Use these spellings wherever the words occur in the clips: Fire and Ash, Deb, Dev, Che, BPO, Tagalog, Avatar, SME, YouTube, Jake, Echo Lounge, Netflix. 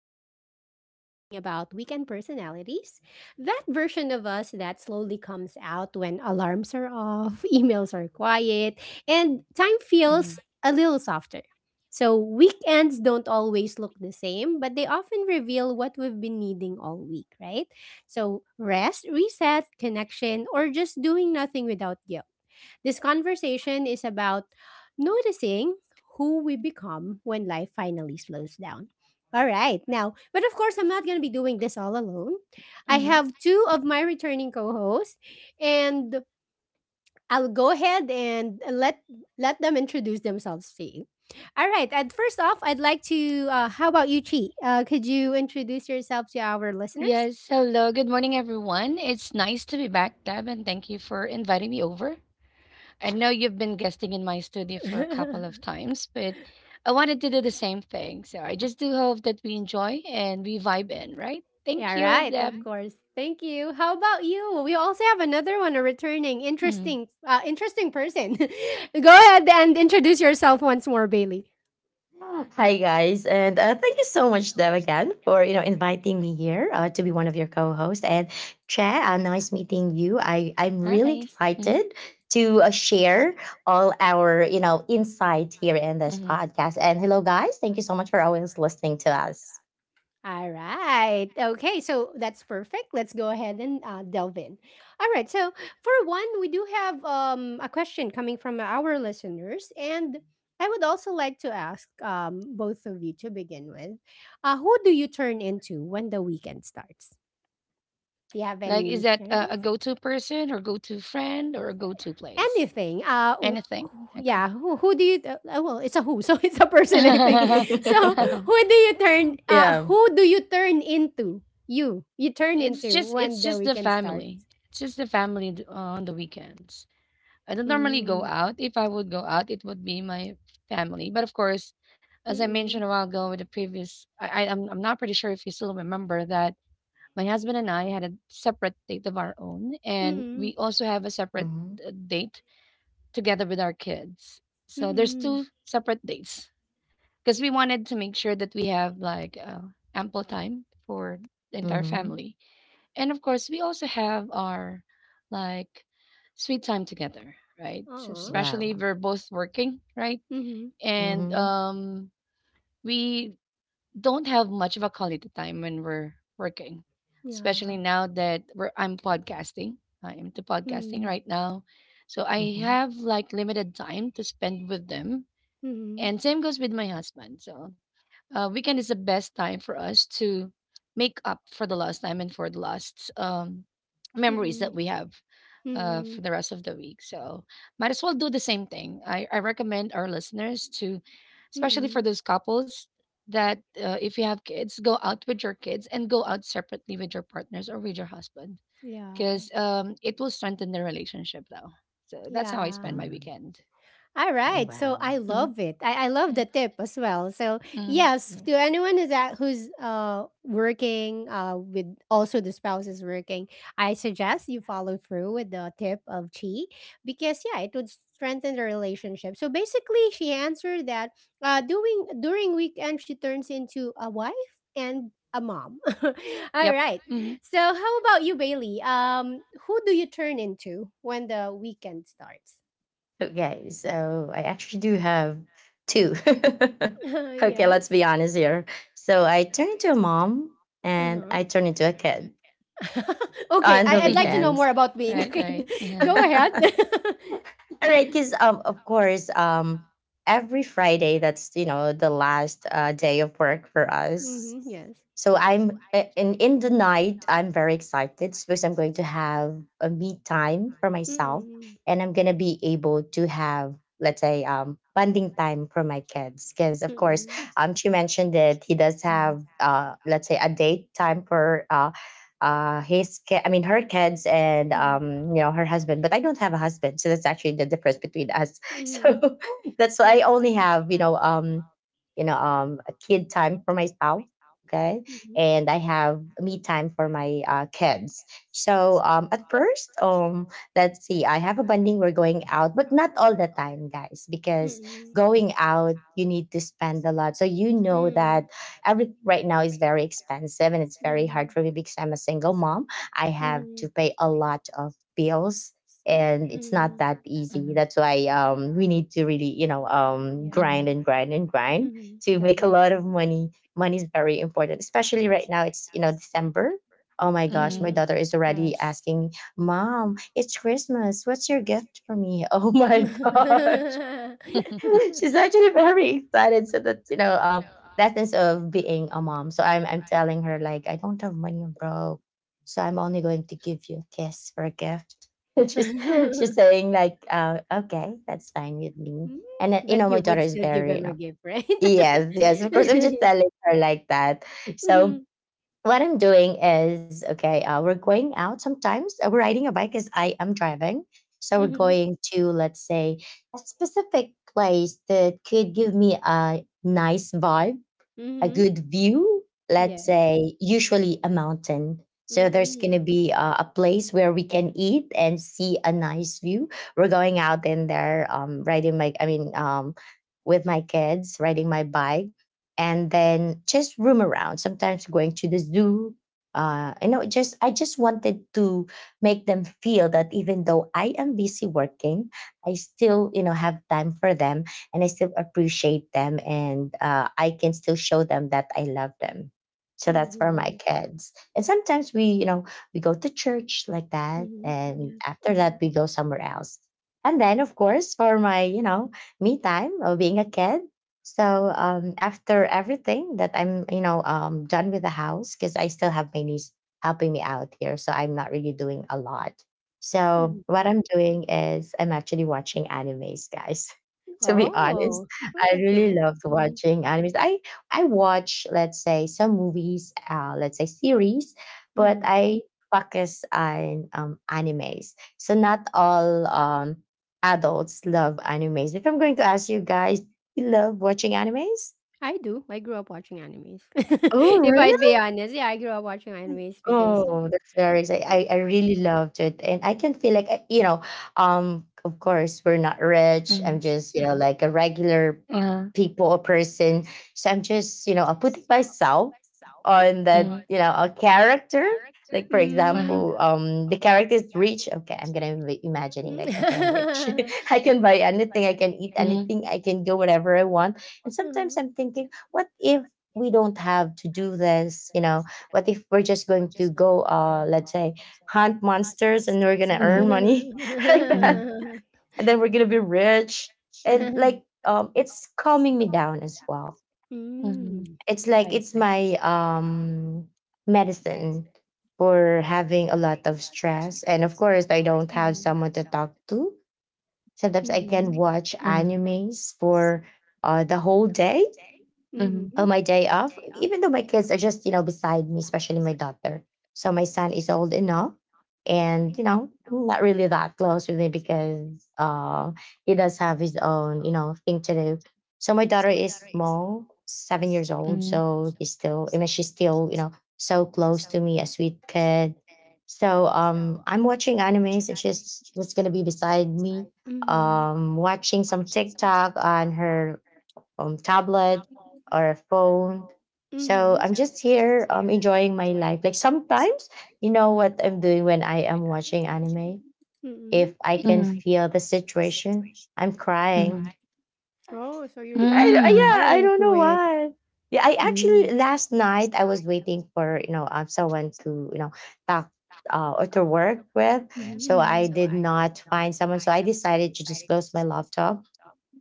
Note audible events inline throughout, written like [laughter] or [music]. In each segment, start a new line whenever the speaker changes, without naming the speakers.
Today, we're going to be talking about weekend personalities, that version of us that slowly comes out when alarms are off, [laughs] emails are quiet, and
Mhm.
time feels a little softer. So, weekends don't always look the same, but they often reveal what we've been needing all week, right? So, rest, reset, connection, or just doing nothing without guilt. This conversation is about noticing who we become when life finally slows down. All right, now, but of course, I'm not going to be doing this all alone. I
Mhm.
have two of my returning co hosts, and I'll go ahead and let them introduce themselves to you. All right, and first off, I'd like to, how about you, Chi? Could you introduce yourself to our listeners?
Yes, hello. Good morning, everyone. It's nice to be back, Deb, and thank you for inviting me over. I know you've been guesting in my studio for a couple of
[laughs]
times, but I wanted to do the same thing. So I just do hope that we enjoy and we vibe in, right?
Yeah,
Thank you,
right, of
Deb.
course. Thank you. How about you? We also have another one, a returning
Mhm.
interesting interesting person. [laughs] Go ahead and introduce yourself once more, Bailey.
Hi guys, and thank you so much, Dev, again for inviting me here to be one of your co-hosts. And Che, nice meeting you. I'm really
Hi. Mhm.
excited to share all our insight here in this
Mhm.
podcast. And hello, guys, thank you so much for always listening to us.
All right. Okay. So that's perfect. Let's go ahead and delve in. All right. So for one, we do have a question coming from our listeners, and I would also like to ask both of you to begin with, who do you turn into when the weekend starts? Do you have
Like, is
any
that
share
a
this?
go to person or go to friend or a go to place?
Anything.
Anything? Okay.
Yeah. Who do you? Well, it's a who, [laughs] so it's a person, I think.
[laughs]
So
[laughs]
who do you turn?
Yeah.
Who do you turn into? You. You turn
It's
into
just it's
when the
just the
weekend starts.
family. It's just the family on the weekends. I don't normally go
Mm.
out. If I would go out, it would be my family. But of course, as I mentioned a
Mm.
while ago with the previous, I'm not pretty sure if you still remember that my husband and I had a separate date of our own, and
Mm.
we also have a separate
Mm-hmm.
date together with our kids.
Mm.
So there's
Mm.
two separate dates because we wanted to make sure that we have like ample time for the entire
Mm-hmm.
family. And of course, we also have our like sweet time together, right?
Aw.
Especially
Wow.
we're both working, right?
Mm.
And
Mm-hmm.
we don't have much of a quality time when we're working,
Yeah.
especially now that we're I'm podcasting. I am to podcasting
Mm.
right now, so I
Mm-hmm.
have like limited time to spend with them.
Mm.
And same goes with my husband. So weekend is the best time for us to make up for the lost time and for the lost
Mm.
memories that we have
Mm.
for
Mm.
the rest of the week. So might as well do the same thing. I recommend our listeners to, especially for
Mm.
those couples that if you have kids, go out with your kids and go out separately with your partners or with your husband
Yeah.
because it will strengthen the relationship though. So that's how I spend
Yeah.
my
Mm-hmm.
weekend.
All right. So
Wow.
I
hmm
love it. I love the tip as well. So
hmm
yes, to anyone who's at, who's working with also the spouse is working, I suggest you follow through with the tip of Chi, because yeah, it would strengthen the relationship. So basically she answered that doing during weekend she turns into a wife and a mom. [laughs] All
Yep.
right. So how about you, Bailey? Who do you turn into when the weekend starts?
Okay, so I actually do have two. [laughs] Okay, let's
[laughs] yes.
be honest here. So I turn into a mom and
Uh-huh.
I turn into a kid
[laughs]
[laughs]
Okay,
on the
I'd like to know more
weekends.
about
[laughs]
being a kid.
[laughs]
[laughs]
Uh-huh.
Go ahead.
All
[laughs]
right, because of course, every Friday that's the last day of work for us.
Mm-hmm, yes.
And in the night I'm very excited because I'm going to have a me time for myself,
Mm-hmm.
and I'm gonna be able to have, let's say, bonding time for my kids because of course
Mm-hmm.
she mentioned that he does have let's say a date time for I mean her kids and
Mm-hmm.
her husband, but I don't have a husband, so that's actually the difference between us. [laughs]
Mm-hmm,
So that's
yeah.
why I only have a kid time for myself. Okay,
Mm-hmm.
and I have me time for my kids. So at first, let's see, I have a bonding. We're going out, but not all the time, guys, because
Mm-hmm.
going out you need to spend a lot. So you know that
Mm-hmm.
every right now is very expensive, and it's very hard
Mm-hmm.
for me because I'm a single mom. I have
Mm-hmm.
to pay a lot of bills, and it's
Mm-hmm.
not that easy. That's why we need to really grind
Mhm.
Yeah.
and grind and grind
Mm-hmm,
to make a lot of
definitely.
money. Money is very important, especially right now. It's December. Oh my gosh, my
Mm-hmm.
daughter is already asking, "Mom, it's Christmas. What's your gift for me?" [laughs] Oh my gosh, [laughs] she's actually very excited. So that's lessons of being a mom. So I'm telling her like I don't have money, bro. So I'm only going to give you a kiss for a gift. [laughs] she's she's
[laughs]
saying like, okay, that's fine with me.
Mm,
And you
but
know, my
you
daughter
would
is
still give
very
him a gift, right?
yes, yes, of course. I'm
[laughs]
just telling her like that. So
Mm-hmm.
what I'm doing is okay. We're going out sometimes. We're riding a bike because I am driving. So we're
Mm-hmm.
going to, let's say, a specific place that could give me a nice vibe, a
Mm-hmm.
good view, let's
Yeah.
say usually a mountain. So there's going to
Mm-hmm.
be a place where we can eat and see a nice view. We're going out in there riding my I mean with my kids riding my bike, and then just roam around, sometimes going to the zoo. You know, just I just wanted to make them feel that even though I am busy working, I still have time for them, and I still appreciate them, and I can still show them that I love them. So that's for my
Mhm.
kids. And sometimes we, you know, we go to church like that.
Mhm,
And
yes.
after that, we
Mhm.
go somewhere else. And then, of course, for my, you know, me time of being a kid. So after everything that I'm, you know, done with the house, because I still have my niece helping me out here. So I'm not really doing a lot. So
Mhm.
what I'm doing is I'm actually watching animes, guys, to be honest.
Oh, well,
I
that's
really
nice.
loved
Mhm.
watching animes. I watch, let's say, some movies, let's say series, but
Mhm.
I focus on animes. So not all adults love animes. If I'm going to ask you guys, you love watching animes?
I do. I grew up watching animes. [laughs]
Oh,
If
really?
I'd be honest, yeah, I grew up watching animes because
Oh, that's very exciting.
yeah.
I really loved it. And I can feel like, you know, of course, we're not rich. I'm just, you know,
Uh-huh.
like a regular people, a person. So I'm just, you know, putting myself on that, you know, a character. Like, for
Mm.
example, the character is rich. Okay, I'm going to be imagining, like, okay, I'm rich. [laughs] I
[laughs]
can buy anything. I can eat anything. I can go whatever I want. And sometimes
Uh-huh.
I'm thinking, what if we don't have to do this, you know? What if we're just going to go, let's say, hunt monsters and we're gonna earn money [laughs] like that,
[laughs]
and then we're gonna be rich? And like, it's calming me down as well.
Mhm.
Mm,
It's like
I
it's
see.
my medicine for having a lot of stress, and of course, I don't have
Mhm.
someone to talk to. Sometimes I can
Mhm.
watch animes for the whole day.
Mhm. Mhm.
Oh,
Mhm.
my day off, even though my kids are just, you know, beside me, especially my daughter. So my son is old enough and, you know, not really that close with me because he does have his own, you know, thing to do. So my daughter is small, 7 years old. So he's still, I mean, she's still, you know, so close to me, a sweet kid. So I'm watching animes and she's just going to be beside me,
Mhm.
watching some TikTok on her tablet or a phone. So
Mhm.
I'm just here enjoying my life. Like sometimes, you know what I'm doing when I am watching anime?
Mm.
If I can feel the situation, I'm crying.
Oh, so you really
Mm.
are
Yeah, I don't
into
know
it.
why. Yeah, I actually
Mm.
last night I was waiting for someone to talk or to work with,
Mhm.
so I
Mhm.
did not find someone. So I decided to just close my laptop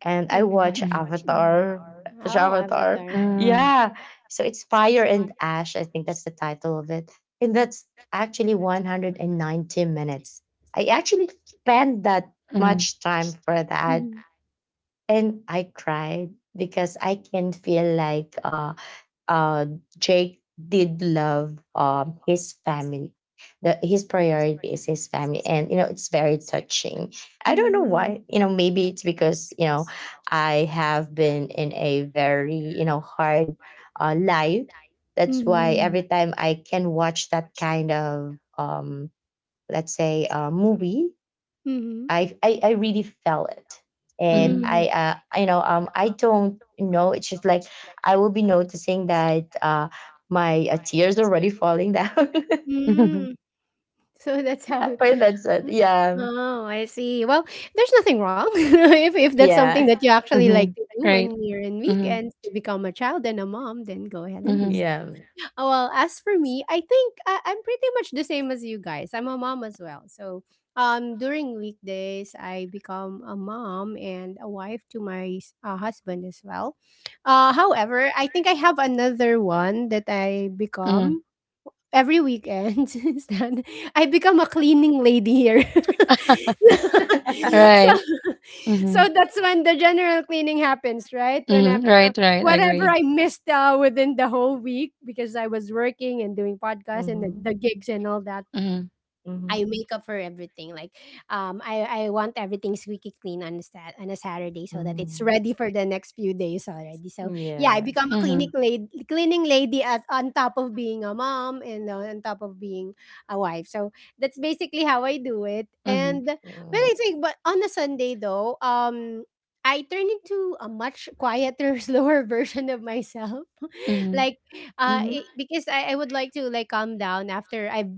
and I
And
watch
watch. Mm.
Avatar. [laughs]
Oh,
Avatar.
Avatar.
Yeah. So it's Fire and Ash. I think that's the title of it. And that's actually 190 minutes. I actually spent that
Mhm.
much time for that.
Mhm.
And I cried because I can feel like uh, Jake did love his family. His priority is his family, and you know it's very touching. I don't know
Mm.
why. You know, maybe it's because I have been in a very hard life. That's why
Mhm.
every time I can watch that kind of let's say movie,
Mhm.
I really felt it, and
Mm.
I don't know. It's just like I will be noticing that my tears are already falling down.
Mm. [laughs] So that's how.
[laughs] When that's it.
[laughs]
Yeah,
Oh, I see. Well, there's nothing wrong [laughs] if that's something
yeah,
that you actually like to do when you're in weekends, to become a child and a mom, then go
[laughs]
ahead and do.
Mhm.
yeah.
[laughs] Well, as for me, I think I'm pretty much the same as you guys. I'm a mom as well. So, during weekdays, I become a mom and a wife to my husband as well. However, I think I have another one that I become every weekend [laughs] is that I become a cleaning lady here. [laughs]
[laughs]
So,
Mm-hmm,
Right.
so
Mhm. Mhm. Right. Mhm.
that's when the general cleaning happens, right?
Mhm.
Whenever
Right, right. I
whatever
agree.
I missed within the whole week, because I was working and doing podcasts and the gigs and all that,
Mhm.
mm-hmm,
I make up for everything. Like, I want everything squeaky clean on on a Saturday so that it's
mm-hmm.
ready for the next few days already. So yeah, I
Yeah.
become a clinic lady, cleaning lady, as on top of being a mom and on top of being a wife. So that's basically how I do it.
Mhm.
And when
Mm-hmm.
I think, but on a Sunday though, I turn into a much quieter, [laughs] slower version of myself. [laughs]
Mhm.
Like, because I would like to like calm down after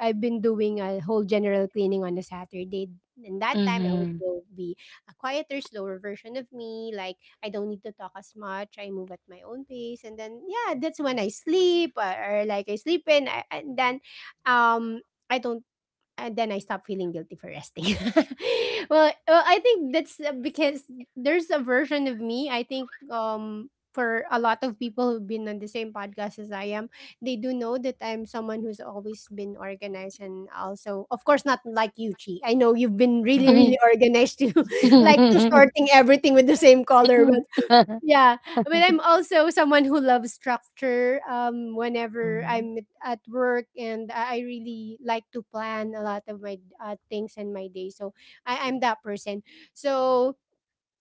I've been doing a whole general cleaning on a Saturday. And that time I would
Mhm.
go be a quieter, slower version of me. Like I don't need to talk as much. I move at my own pace. And then yeah, that's when I sleep, or like I sleep in. I, and then um I don't and then I stop feeling guilty for resting. [laughs] Well, well, I think that's because there's a version of me. I think for a lot of people who've been on the same podcast as I am, they do know that I'm someone who's always been organized and also, of course, not like you, Chi. I know you've been really, really organized to [laughs] like to sorting everything with the same color.
[laughs]
Yeah, I mean, I'm also someone who loves structure. Whenever
Mm-hmm.
I'm at work, and I really like to plan a lot of my things and my day, so I'm that person. So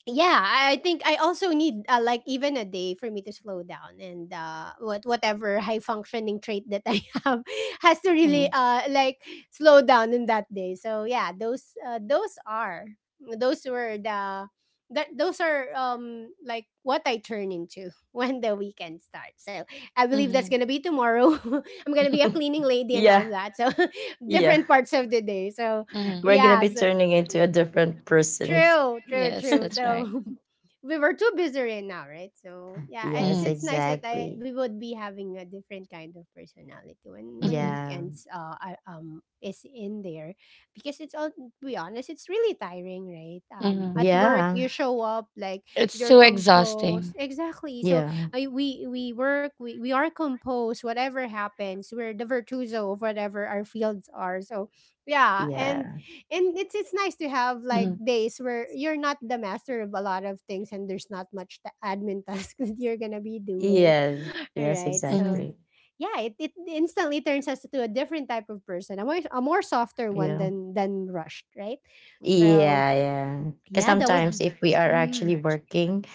yeah, I think I also need like even a day for me to slow down, and whatever high functioning trait that I [laughs] have has to really
Mhm.
like slow down in that day. So yeah, those are those were the that those are like what I turn into [laughs] when the weekend starts. So I believe that's
Mhm.
gonna be tomorrow. [laughs] I'm gonna be a
[laughs]
cleaning lady and all
Yeah,
that, so [laughs]
yeah.
different parts of the day. So
Mhm.
We're
[laughs]
gonna
yeah,
be
so
turning into a different person.
true, true,
Yes,
true.
that's right.
So [laughs] we were too busy right now, right? So yeah,
Yes,
Mhm.
it's nice that I
exactly.
we would be having a different kind of personality when
Mhm.
Yeah,
weekends are, is in there, because it's all to be honest, it's really tiring, right?
Mhm.
At work
yeah.
you show up like
It's
you're
too
composed,
exhausting.
exactly. So
Yeah.
we work we are composed. Whatever happens, we're the virtuoso of whatever our fields are. So yeah,
Yeah.
and it's nice to have like days where you're not the master of a lot of things, and there's not much the admin [laughs] task that you're gonna be doing.
Yes.
[gasps] [laughs] All
Yes,
right, so
exactly.
yeah, it instantly turns us to a different type of person, a more softer one
Yeah.
than rushed, right? So
Yeah, yeah. Because
yeah, that was
sometimes if we are
mm-hmm.
actually working,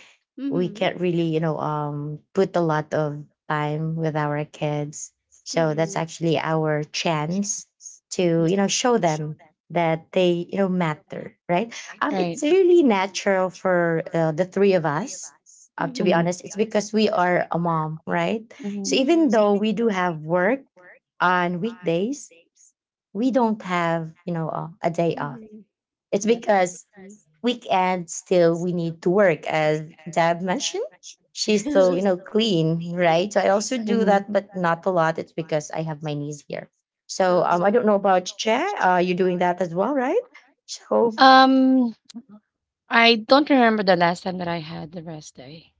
we
Mm-hmm.
can't really, you know, put a lot of time with our kids. So that's
Mm-hmm,
actually our chance to,
yeah.
you know, show them that they, you know, matter, right? It's
Right.
really natural for the three of us. To be
Mm-hmm.
Mhm.
honest, it's because we are a mom, right? So even
Mm-hmm.
though we do have work on weekdays, we don't have, you know, a day off.
Mm-hmm,
It's because
definitely.
weekend still we need to work. As Deb mentioned, she's still clean, right? So I also do that, but not a lot. It's because I have my knees here.
[laughs] uh,
So I don't know about Che, you're doing that as well, right? So
Um, I don't remember the last time that I had the rest day,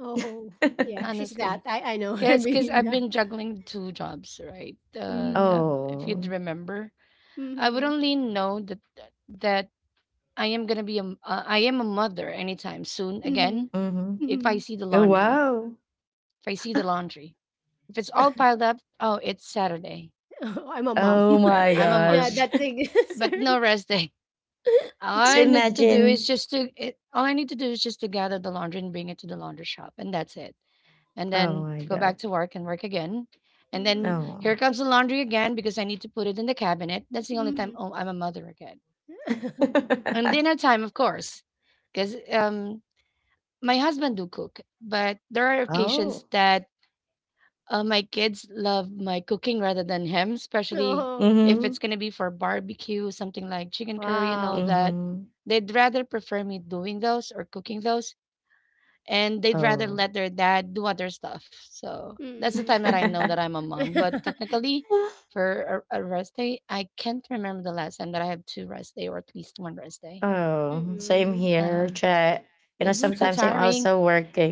oh yeah, she's
[laughs]
that
honestly.
I know her, [laughs]
Cause
being
I've
that
been juggling two jobs, right?
Mhm.
Tab, if you'd
oh,
remember, I would
Mhm.
only know that that I am gonna be I am a mother anytime soon again
Mhm.
mm-hmm.
if I
Mhm.
see the
Oh
laundry.
wow.
If I see the laundry, if it's all piled up, oh, it's Saturday.
[laughs] I'm a mom.
Oh
Right.
my
I'm a
[laughs] Yeah,
gosh.
mom,
that's the
but
answer.
no rest day. All
[laughs]
[laughs] So
I need to do is
imagine.
just to it, all I need to do is just to gather the laundry and bring it to the laundry shop, and that's it. And
Oh
then
my
go
god.
back to work and work again. And then
Mm.
here
Oh.
comes the laundry again because I need to put it in the cabinet. That's the only time
Mhm.
oh, I'm a mother again.
Mm. [laughs]
And dinner
[laughs]
time, of course, because my husband do cook, but there are occasions
Oh.
that uh, my kids love my cooking rather than him, especially
Oh,
if
Mm-hmm.
it's gonna be for barbecue, something like chicken curry and all
wow.
that.
Mm-hmm.
They'd rather prefer me doing those or cooking those, and they'd rather
Oh.
let their dad do other stuff. So that's the time
Mm.
that I know that I'm a mom. But technically,
[laughs]
for a rest day, I can't remember the last time that I have two rest day or at least one rest day.
Oh, same
Mm.
here.
Uh-huh.
Try, you know,
That's too
sometimes I'm
tiring.
also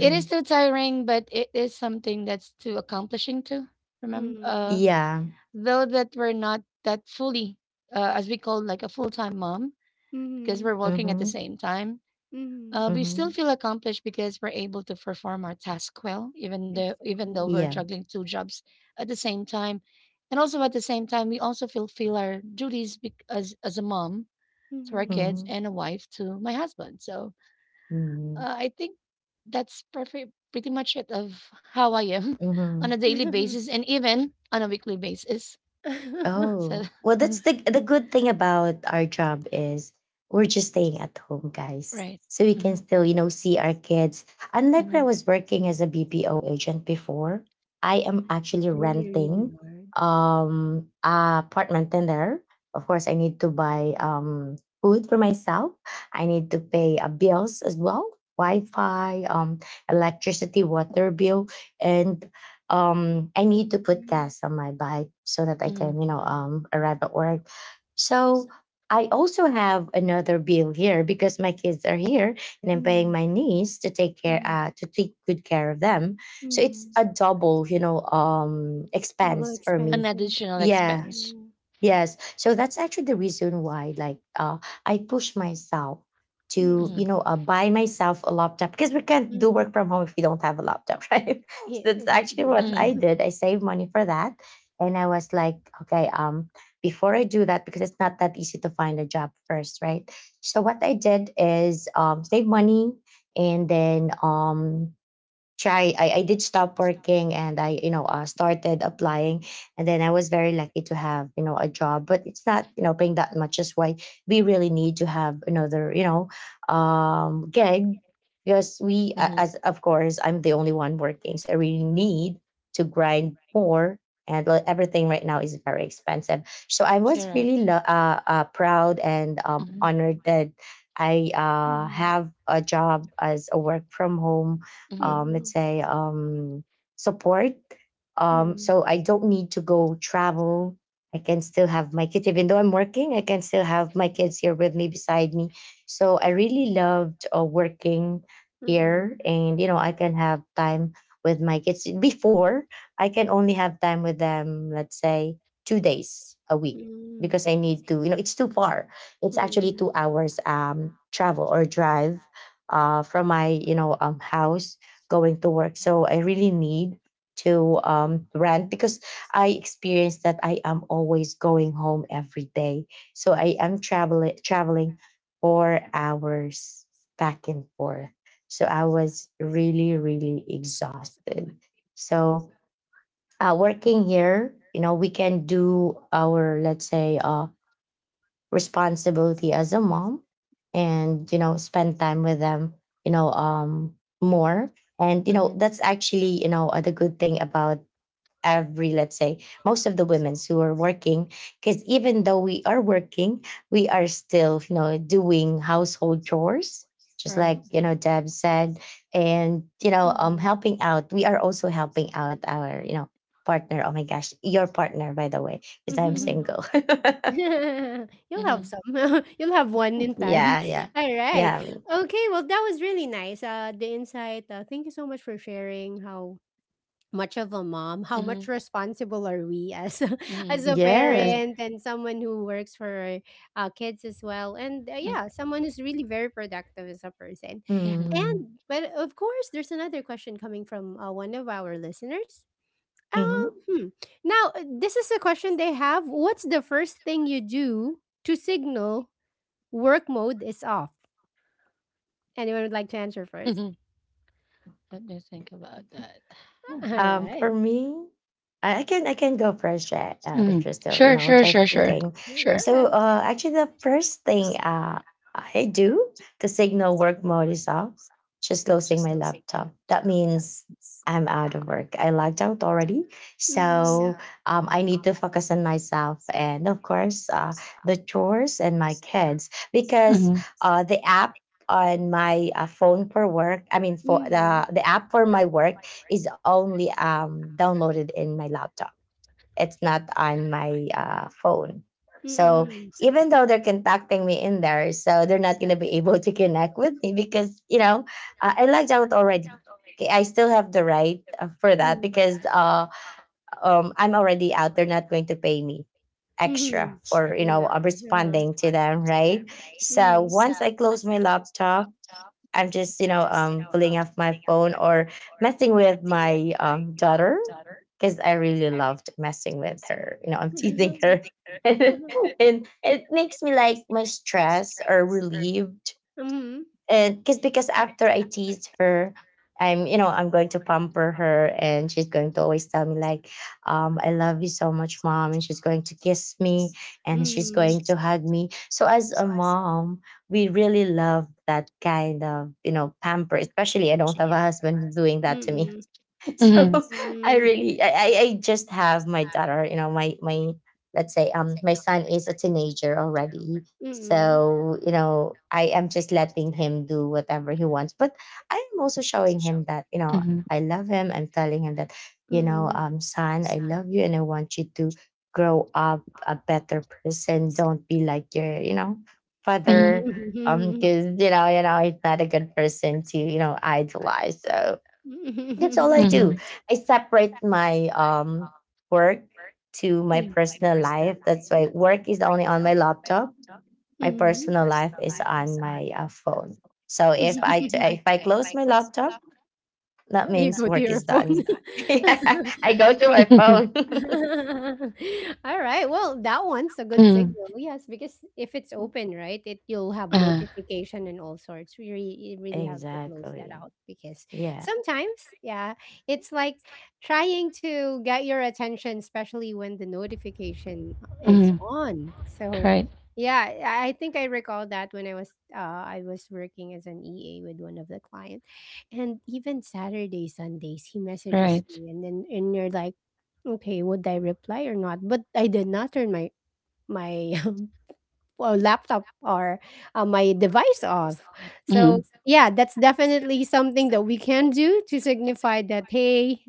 It is too tiring, but it is something that's too accomplishing to remember.
Mm.
Yeah.
Though that we're not that fully, as we call like a full time mom,
Mhm.
because we're
Mhm.
working at the
Mm-hmm.
same time.
[laughs]
We still
Mm-hmm.
feel accomplished because we're able to perform our task well, even
[laughs]
though even though we're
Yeah.
Exactly.
juggling two jobs at the same time, and also at the same time, we also fulfill our duties as a mom to our
Mhm.
kids
Mm-hmm.
and a wife to my husband. So
Mm-hmm.
I think that's perfect, pretty much it of how I am [laughs] on a
Mm-hmm.
daily basis and even on a weekly basis.
[laughs]
Oh,
So
well, that's
[laughs]
the good thing about our job is we're just staying at home, guys. So we can still, you know, see our kids. Unlike when I was working as a BPO agent before, I am actually
It's really, really
renting
hard.
a apartment in there. Of course, I need to buy food for myself. I need to pay bills as well, Wi-Fi, electricity, water bill, and I need to put
Mm.
gas on my bike so that I can
Mhm.
arrive at work. So I also have another bill here because my kids are here, and I'm paying
Mm.
my niece to take care,
Mhm.
to take good care of them. So it's
Mm.
a double
Double
expense for me.
expenses,
additional
yeah.
Yeah.
expense.
Mm.
Yes. So that's actually the reason why, like, I push myself to, you
Mm.
know, buy myself a laptop because we can't do work
Mhm.
from home if we don't have a laptop, [laughs] right? So
Yeah,
that's
[laughs]
actually
yeah.
what I did. I saved money for that. And I was like, before I do that, because it's not that easy to find a job first, right? So what I did is save money and then I did stop working and I started applying, and then I was very lucky to have a job, but it's not paying that much, is why we really need to have another gig, because as of course I'm the only one working, so I really need to grind more. And everything right now is very expensive, so I was really proud and honored that I
Mm.
have a job as a work from home,
Mhm.
let's
Mm.
say, support. Um,
Mm.
so I don't need to go travel. I can still have my kids, even though I'm working. I can still have my kids here with me, beside me. So I really loved working here,
Mm.
and you know, I can have time with my kids. Before, I can only have time with them, let's say, 2 days a week,
Mm.
because I need to. You know, it's too far. It's actually
Mm.
2 hours travel or drive from my house going to work. So I really need to rant, because I experienced that I am always going home every day. So I am traveling 4 hours back and forth. So I was really, really exhausted. So working here, you know, we can do our, let's say, responsibility as a mom, and you know, spend time with them, you know um more. And you know, that's actually the good thing about every, let's say, most of the women's who are working, because even though we are working, we are still, you know, doing household chores, just
Right.
like, you know, Deb said. And you know,
Mhm.
helping out, we are also helping out our, you know, partner. Oh my gosh, your partner, by the way, because I'm
Mhm.
Mhm.
single. [laughs]
[laughs] You'll have
Mhm.
some. [laughs] You'll have one in time.
Yeah, yeah,
[laughs] All right.
yeah.
Okay. Well, that was really nice. The insight. Thank you so much for sharing how much of a mom, how
Mhm.
much responsible are we as [laughs]
Mhm.
as a
Yes.
parent and someone who works for kids as well, and yeah, someone who's really very productive as a person.
Mhm. Mhm.
Mm-hmm.
And but of course there's another question coming from one of our listeners. um hmm. Now this is a question they have: what's the first thing you do to signal work mode is off? Anyone would like to answer first?
[laughs] Let me think about that.
Hmm.
All
Um,
right,
For me, I can I can go first, right?
mm.
If you're still, you
Sure,
know,
sure, sure,
just
sure.
thinking.
go
Sure.
So,
ahead.
actually, the first thing I do to signal work mode is off, just closing my laptop. That means I'm out of work. I logged out already,
Mm.
so I need to focus on myself and, of course, the chores and my kids, because the app on my phone for work. I mean,
Mm.
for
Mm.
the app for my work is only downloaded in my laptop. It's not on my phone. So
Mm.
even though they're contacting me in there, so they're not going to be [laughs] able to connect with me, because you know, I logged out already. Okay, I still have the right for that,
Mm.
because I'm already out. They're not going to pay me extra
Mhm.
for,
Exactly, uh-huh.
responding to them, right? So
Mhm.
once I close my laptop, I'm just, you know, pulling off my phone, or messing with my daughter, because I really loved messing with her. You know, I'm teasing her. [laughs] And it makes me like my stress or relieved,
Mhm.
and because after I teased her, I'm I'm going to pamper her, and she's going to always tell me like, "I love you so much, mom," and she's going to kiss me, and she's
Mhm.
going to hug me. So as a mom, we really love that kind of, you know, pamper. Especially I don't have a husband doing that to me,
Mm.
[laughs]
Mhm.
so I
Mm.
really I just have my daughter, you know, my, let's say, my son is a teenager already.
Mm.
So, you know, I am just letting him do whatever he wants. But I am also showing him that, you know,
Mhm.
I love him. I'm telling him that, you know,
Mm.
son, I love you and I want you to grow up a better person. Don't be like your, you know, father.
Mhm.
Because you know, he's not a good person to, you know, idolize. So that's all I
Mhm. [laughs]
do. I separate my work to
[laughs]
my
Yeah.
personal life. That's why work is only on my laptop. My
Mhm.
personal life is on my phone. So if I
[laughs]
close my laptop, that
You
means
go to
work
your
is
phone. [laughs]
done. [laughs] Yeah, I go to my phone.
[laughs] All right. Well, that one's a good
Mhm.
signal. Yes, because if it's open, right, it you'll have
Uh,
notification and all sorts. We really, you
[laughs]
really have to close that
Exactly.
out, because
Yeah.
sometimes, yeah, it's like trying to get your attention, especially when the notification is
mhm.
on. So,
Right.
yeah, I think I recall that when I was working as an EA with one of the clients, and even Saturday, Sundays, he messages
Right.
me, and then, and you're like, okay, would I reply or not? But I did not turn my my [laughs] well, laptop, or my device off. So
Mhm.
yeah, that's definitely something that we can do to signify that hey,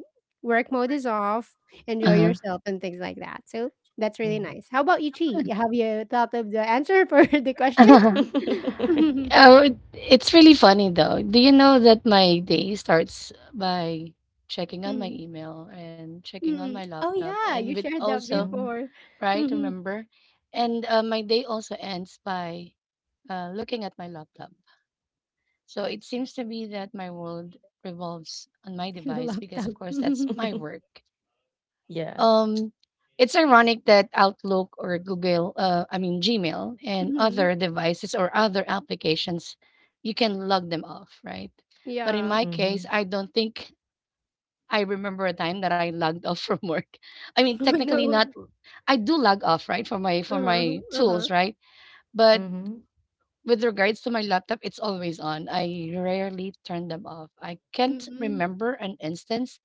work mode is off, enjoy
Uh-huh.
yourself, and things like that. So that's really
Mm.
nice. How about you, Chi? Have you thought of the answer for [laughs] the question?
[laughs]
[laughs]
[laughs]
Oh, it's really funny though. Do you know that my day starts by checking on my
Mhm.
email and checking on
Mhm. Mhm.
my
Oh
laptop
yeah,
and
you
with
shared that
also
Mm.
before.
right?
Hmm.
Remember? And my day also ends by looking at my laptop. So it seems to be that my world revolves on my
[laughs] In the
device because,
laptop.
of course, that's
[laughs]
my
[laughs]
work.
Yeah.
Um, it's ironic that Outlook or Google, I mean Gmail, and other
Hmm.
devices or other applications, you can log them off, right? But in
Yeah.
my case,
Mm-hmm.
I don't think I remember a time that I logged [laughs] off from work. [laughs] I
[laughs]
mean,
Oh
technically,
no.
not. I do log off, right, for my for
Uh-huh,
my
uh-huh.
tools, right? But
Mm-hmm.
with regards to my laptop, it's always on. I rarely turn them off. I can't
Mm.
remember an instance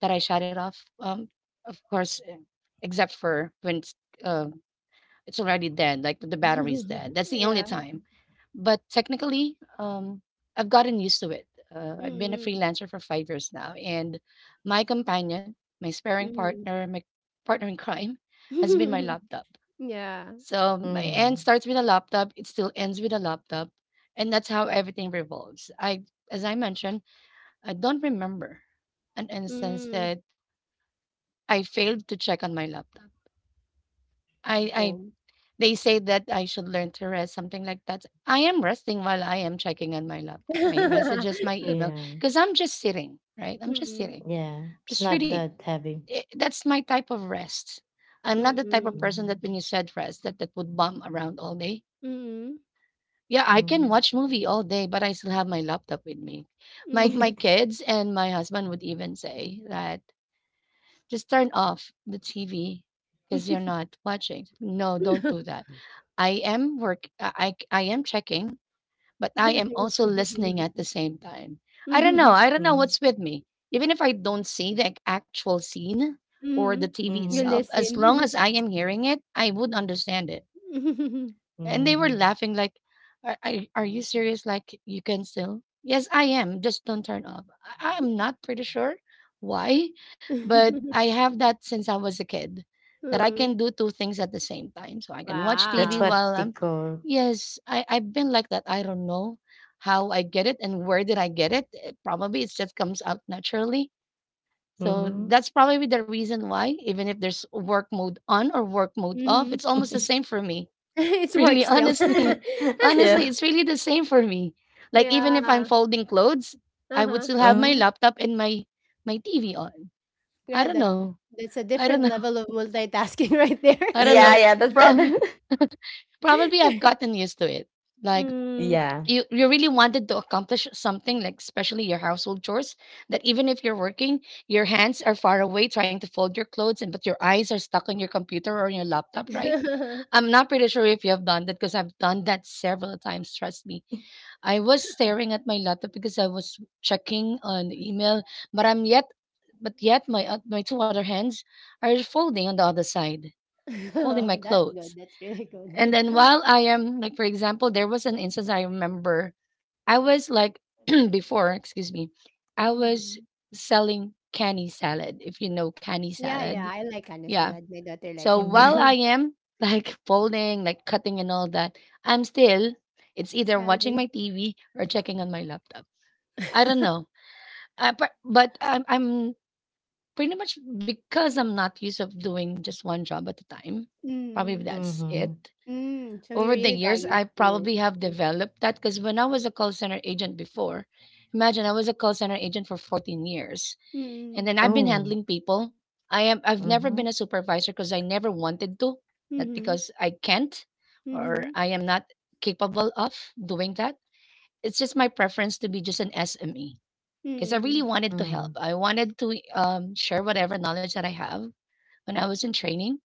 that I shut it off. Of course, eh, except for when uh, it's already dead, like the battery's dead.
[laughs]
That's the only
Yeah.
time. But technically, I've gotten used to it. I've been a
Mm.
freelancer for 5 years now, and my companion, my sparring
Mm.
partner, my partner in crime, has been my
[laughs]
laptop.
Yeah.
So my end
Mm.
starts with a laptop, it still ends with a laptop. And that's how everything revolves. As I mentioned, I don't remember an instance
Mm.
that I failed to check on my laptop. I, I,
Oh.
they say that I should learn to rest, something like that. I am resting while I am checking on my laptop, my messages, my
[laughs]
email,
Yeah.
because I'm just sitting, right? I'm just
Mm,
sitting,
Yeah. It's
just
not
reading.
that heavy.
That's my type of rest. I'm not the type
mm,
of person
Mm-hmm.
that when you said rest, that that would bum around all day.
mm,
Yeah, I can
Mhm.
watch movie all day, but I still have my laptop with me. My
mhm.
my
[laughs]
kids and my husband would even say that just turn off the TV because you're not watching. No, don't do that. I am checking, but I am
Nanayos.
also listening at the same time. I don't know.
Mhm,
I don't know
Mhm.
what's with me. Even if I don't see the actual scene or the
mhm.
TV
[laughs] You
itself,
Mhm.
as long
listen.
as I am hearing it, I would understand it.
[laughs]
And they were
Mhm.
laughing like, are you serious? Like, you can still? Yes, I am. Just don't turn off. I'm not pretty sure why, but I have that since I was a kid that I can
Mm.
do two things at the same time. So I can watch
[laughs] That's
TV
Wow.
what
while
they
I'm,
call
yes, I've been like that. I don't know how I get it and where did I get it. Eh, probably it just comes out naturally. So
mhm.
that's probably the reason why, even if there's work mode on or work mode off,
Mhm.
it's almost the same
[laughs]
for me.
[laughs] It's
[laughs]
work
Really,
still. [laughs]
honestly,
Yeah.
it's really the same for me. Like even if I'm
Yeah.
folding clothes, I would
Uh-huh.
still have my
Mhm.
laptop and my TV on. I
Yeah,
don't
that
know.
that's a
I don't
different
know.
level
[laughs]
of multitasking [laughs] right there.
I don't know.
Yeah, yeah, that's
Prob-
it. [laughs]
probably I've
[laughs]
gotten used to it. Like
Mm.
Yeah.
you really wanted to accomplish something, like especially your household chores, that even if you're working, your hands are far away trying to fold your clothes, and but your eyes are stuck on your computer or on your laptop, right? I'm not pretty sure if you have done that because I've done that several times. Trust me, I was staring at my laptop because I was checking on the email, but I'm yet but yet my two other hands are folding on the other side, folding my
[laughs] That's
clothes.
good. That's really good.
And then while I am like for example, there was an instance I remember. I was like [clears throat] before, excuse me, I was
Mm.
selling canny salad, if you know canny
Yeah, yeah.
salad.
I like ano
Yeah.
salad. My daughter likes
So
it
while
Mhm.
I
too. [laughs]
am like [laughs] folding, like cutting and all that, I'm still it's either watching
Salad.
my TV or checking on my laptop. I don't know.
[laughs]
But I'm pretty much because I'm not used of doing just one job at a time. Probably
Mm.
that's
Mhm.
it.
Mm. So you
Over the
really got
years,
used
I
to
probably have
it.
developed that because when I was a call center agent before, imagine I was a call center agent for 14 years, and
Mm.
then I've been
Oh.
handling people. I've never been
Mhm.
a supervisor because I never wanted to, not
Mm.
because I can't or
Mm-hmm.
I am not capable of doing that. It's just my preference to be just an SME because I really
Mm.
wanted to help.
Mm.
I wanted to share whatever knowledge that I have when I was in training,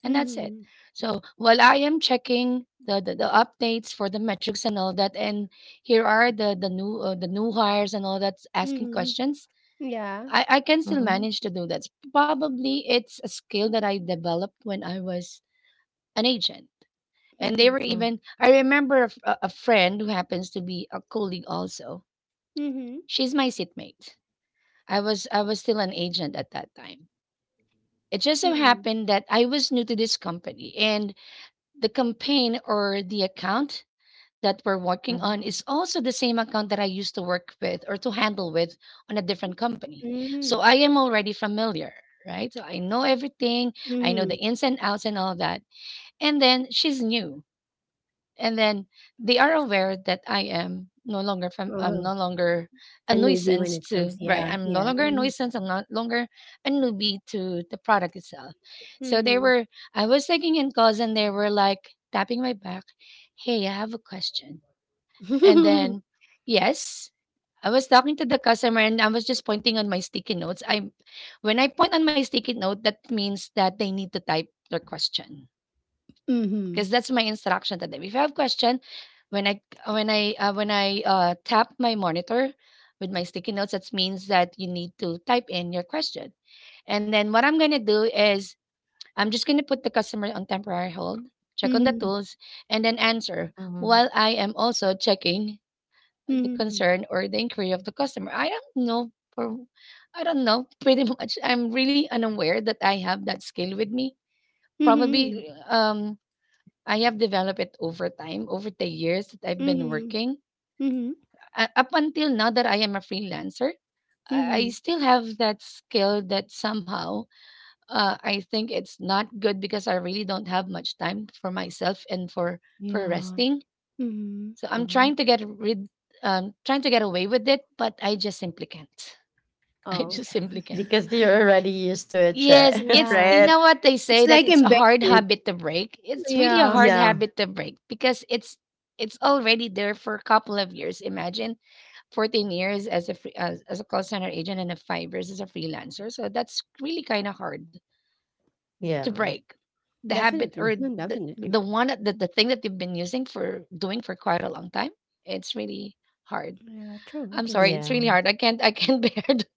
and that's it.
Mm.
So while I am checking the updates for the metrics and all that, and here are the new hires and all that asking
Mm-hmm.
questions,
Yeah.
I can still
Mhm.
manage to do that. Probably it's a skill that I developed when I was an agent. And they were
Mm-hmm.
even,
Mm.
I remember a friend who happens to be a colleague also.
Mm-hmm.
She's my seatmate. I was still an agent at that time. It just so
Mm-hmm.
happened that I was new to this company and the campaign or the account that we're working on
Mhm.
is also the same account that I used to work with or to handle with on a different company.
Mm-hmm.
So I am already familiar, right? So I know everything, I know
Mm-hmm.
the ins and outs and all that. And then she's new, and then they are aware that I am no longer I'm
Uh-huh.
no longer
A
a
newbie when
nuisance
it comes,
to, right,
yeah,
I'm no
yeah.
longer a nuisance, I'm no longer a newbie to the product itself. So they
Mhm.
were I was taking in calls, and they were like tapping my back, hey, I have a question, and then yes, I was talking to the customer, and I was just pointing on my sticky notes I When I point on my sticky note, that means that they need to type their question, because
Mhm.
that's my instruction to them. If you have question, when I tap my monitor with my sticky notes, that means that you need to type in your question. And then what I'm gonna do is I'm just gonna put the customer on temporary hold, check on the
Mhm.
tools, and then answer
Mhm.
while I am also checking the
Mhm.
concern or the inquiry of the customer. I don't know, [laughs] pretty much. I'm really unaware that I have that skill with me.
Mhm.
Probably I have developed it over time, over the years that I've been
Mhm.
working.
Mhm.
Up until now that I am a freelancer, I
Mhm. [laughs]
still have that skill that somehow, I think it's not good, because I really don't have much time for myself and for
Yeah.
resting.
Mhm.
So I'm trying
Mhm.
to get rid, trying to get away with it, but I just simply can't. [laughs] I
Oh.
just simply can't.
[laughs]
Because you're already used to it,
Yes,
yeah, [laughs]
it's
Yeah.
you
right?
know what they
It's
say, that
like
it's a hard
embedded.
habit to break. It's really a
Yeah.
hard
Yeah.
habit to break, because it's already there for a couple of years. Imagine 14 years as a call center agent and a 5 years as a freelancer. So that's really kind of hard to
Yeah.
break. The habit
Definitely.
or
No,
the
definitely.
the one that the thing that you've been using for doing for quite a long time. It's really hard.
Yeah, true,
I'm
it
sorry,
is.
it's really
Yeah.
hard. I can't [laughs] bear to,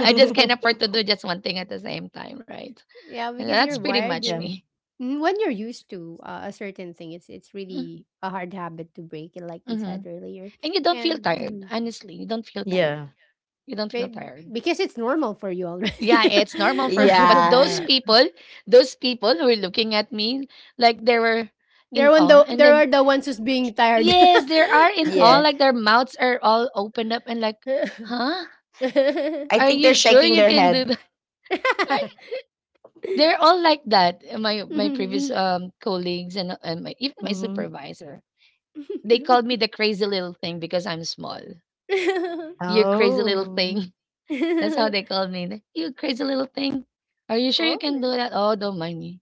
I just can't afford to do just one thing at the same time, right?
Yeah, because you're
That's pretty
wired.
much
You're
Yeah.
me.
Mm, when you're used to a certain thing, it's really a hard habit to break, and like you said
Mm-hmm.
earlier.
And you don't feel
And
tired.
mhm.
Honestly, you don't feel
Yeah.
tired. You don't feel tired.
Because it's normal for you already.
Yeah, it's normal for me. But
[laughs]
Yeah.
those people who were looking at me, like they were
there
in
one
awe.
the
And
there
then,
are the ones who's being tired.
yes, they are in
[laughs]
awe.
Yeah.
Like their mouths are all opened up and like, huh?
I
Are
think they're
you sure
shaking
you
their
can do
head.
that? [laughs] They're all like that. My previous colleagues and even my
Mhm.
supervisor. They called me the crazy little thing because I'm small.
Oh. [laughs]
You crazy little
Oh.
thing. That's how they called me. Like, you crazy little thing. Are you sure you can do that? Oh, don't mind me.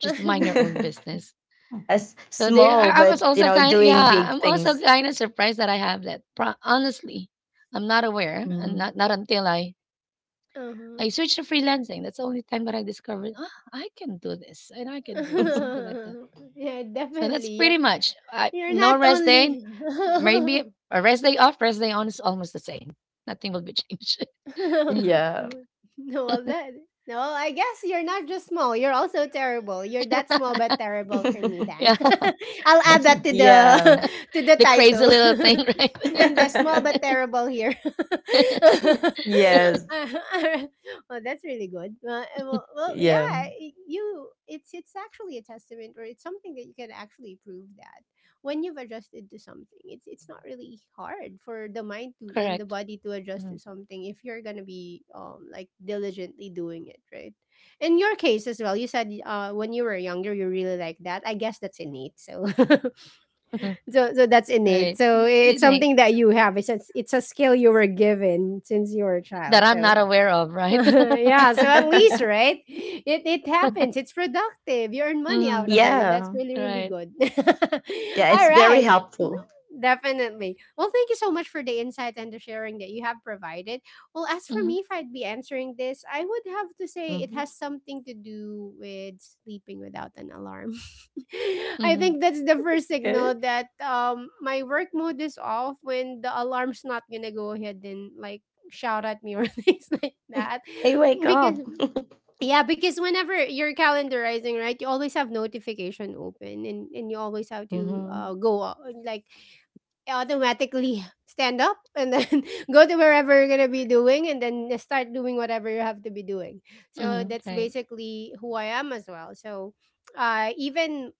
Just mind your own business.
[laughs] As
So they,
small,
I, I was
but you
also
know,
kind.
doing
Yeah,
big
I'm also
things.
kind of surprised that I have that. Honestly, I'm not aware, and
Mhm.
not until I
Uh-huh.
switched to freelancing. That's the only time that I discovered. Ah, I can do this, and I can do this, something
[laughs]
like that.
[laughs] Yeah,
So that's
definitely.
pretty much. I,
You're not
no rest day.
only
Maybe
[laughs]
a rest day off, rest day on is almost the same. Nothing will be changed.
Yeah.
[laughs] no, well, that no, I guess you're not just small. You're also terrible. You're that small but terrible for me.
[laughs]
Then
[laughs]
Yeah,
[laughs] I'll add that to the
Yeah.
[laughs] to the
the crazy
title.
little thing, [laughs]
[laughs]
right?
And the small but
[laughs]
terrible here.
[laughs]
[laughs]
Yes.
Uh, alright. Well, that's really good. Yeah,
Yeah.
you. It's actually a testament, or it's something that you can actually prove that when you've adjusted to something, it's not really hard for the mind to and the
Correct.
body to
Mm-hmm.
adjust to something if you're gonna be like diligently doing it, right? In your case as well, you said when you were younger you really like that. I guess that's innate. So
Mm-hmm.
[laughs] so that's innate. So
It
it's
may
something that you have. It's a skill you were given since you were a
that
child.
I'm
So
not aware of,
[laughs]
right? [laughs]
yeah, so at least,
[laughs]
right? It happens. It's productive. You earn money out
Mm-hmm.
of it, and that's
Yeah.
really, really
Right.
good. [laughs] All
Yeah, it's very
right.
helpful.
Mm-hmm. Definitely. Well, thank you so much for the insight and the sharing that you have provided. Well, as for
Mm-hmm.
me, if I'd be answering this, I would have to say it
Mhm.
has something to do with sleeping without an alarm. [laughs] I
Mm-hmm.
think that's the first
Good.
signal that my work mode is off when the alarm's not gonna go ahead and like shout at me or [laughs] things like that
Hey, wake up.
because
[laughs]
yeah, because whenever you're calendarizing, right, you always have notification open, and you always have to
Hmm.
go like automatically [laughs] stand up and then [laughs] go to wherever you're gonna be doing and then start doing whatever you have to be doing. So
Mm-hmm.
that's
Right.
basically who I am as well. So even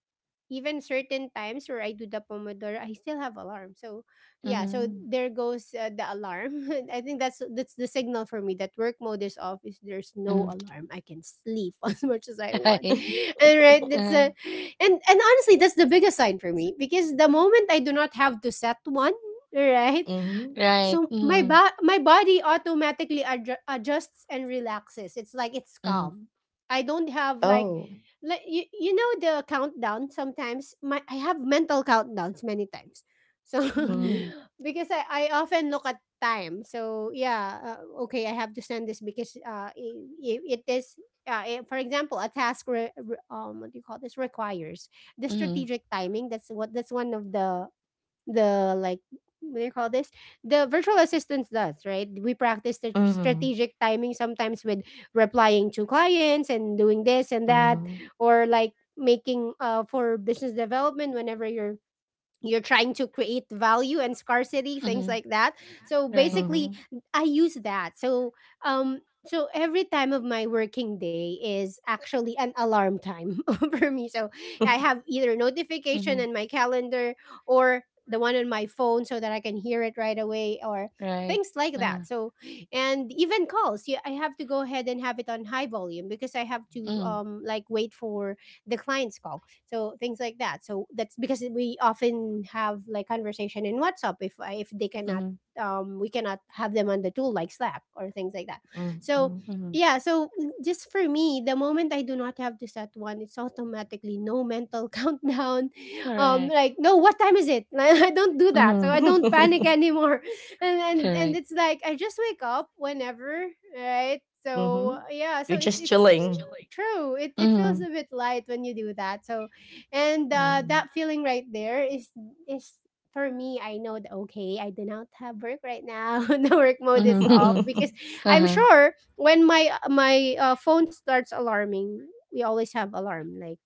certain times where I do the Pomodoro, I still have alarm. So yeah, so
Mm-hmm.
there goes the alarm. [laughs] I think that's the signal for me that work mode is off. Is there's no
Mm-hmm.
alarm, I can sleep [laughs] as much as I
[laughs]
want.
Right.
And right, and honestly, that's the biggest sign for me because the moment I do not have to set one, right?
Hmm.
Right.
So
Mm-hmm.
my body automatically adjusts and relaxes. It's like it's
Mm-hmm.
calm. I don't have like
Oh.
you know the countdown. Sometimes my I have mental countdowns many times. So [laughs]
Mm-hmm.
Hmm.
because I often look at time. So yeah, okay, I have to send this because it is for example, a task what do you call this requires the
Mm-hmm.
strategic timing. That's what that's one of the like what do you call this, the virtual assistants does, right? We practice the
Hmm.
strategic timing sometimes with replying to clients and doing this and that,
Hmm.
or like making for business development whenever you're trying to create value and scarcity, things like that. So
Right.
basically
Hmm.
I use that. So um so every time of my working day is actually an alarm time [laughs] for me. So I have either notification
Mm-hmm.
in my calendar or the one on my phone so that I can hear it right away or
Right.
things like that. So and even calls, yeah, I have to go ahead and have it on high volume because I have to
Mm-hmm.
like wait for the client's call, so things like that. So that's because we often have like conversation in WhatsApp if they cannot
Mm-hmm.
we cannot have them on the tool like Slack or things like that. So
Hmm.
Mm-hmm.
yeah, so mm, just for me, the moment I do not have to set one, it's automatically no mental [laughs] countdown,
Correct.
like no what time is it, [laughs] like, I don't do that, so
Mm-hmm.
I don't panic
[laughs]
anymore. [laughs] And and
Correct.
it's like I just wake up whenever, right? So
Mhm.
yeah, so
You're just
it's
chilling.
true, it feels
Mm-hmm.
a bit light when you do that. So and
Mm.
that feeling right there is is for me. I know that okay, I do not have work right now. [laughs] The work mode is off
Mm-hmm.
because
[laughs]
[laughs]
I'm
Uh-huh.
sure when my phone starts alarming, we always have alarm like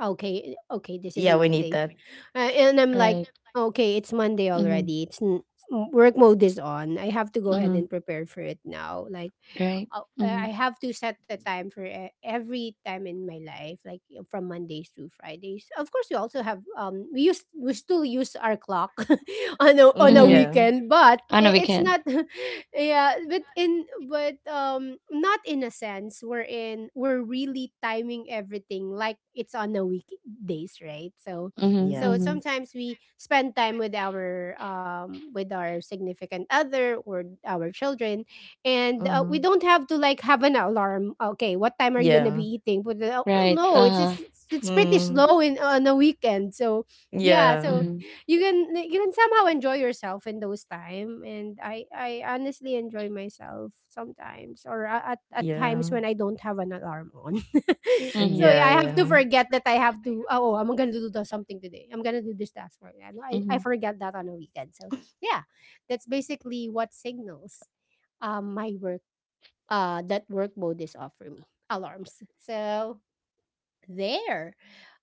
okay, okay, this is
Yeah, we need
Monday,
that.
and I'm like okay, it's Monday
Mm-hmm.
already. Work mode is on. I have to go ahead
Mm-hmm.
and prepare for it now. Like
Right. Mm-hmm.
I have to set the time for every time in my life, like from Mondays to Fridays. Of course, we also have we still use our clock [laughs] on a
Mm, yeah.
weekend, but
On a
it's
weekend.
not [laughs] yeah, but in but not in a sense we're really timing everything like it's on the weekdays, right? So
Mm-hmm.
Yeah.
so
Mm-hmm.
sometimes we spend time with our significant other or our children, and we
Mhm.
don't have to like have an alarm okay what time are you going to
Yeah.
be eating, but
Right.
no, it's
Uh-huh.
it's pretty
Mm.
slow in on a weekend. So yeah, so
Yeah.
Mm-hmm.
you can somehow enjoy yourself in those time, and I honestly enjoy myself sometimes or at times
Yeah.
when I don't have an alarm on. [laughs] So
Mm-hmm.
yeah,
Yeah,
I have to
yeah.
forget that I have to oh, I'm gonna something today, I'm gonna do this task right now. I
Mm-hmm.
forget that on a weekend. So yeah, that's basically what signals my work that work mode is off for me. Alarms. So there.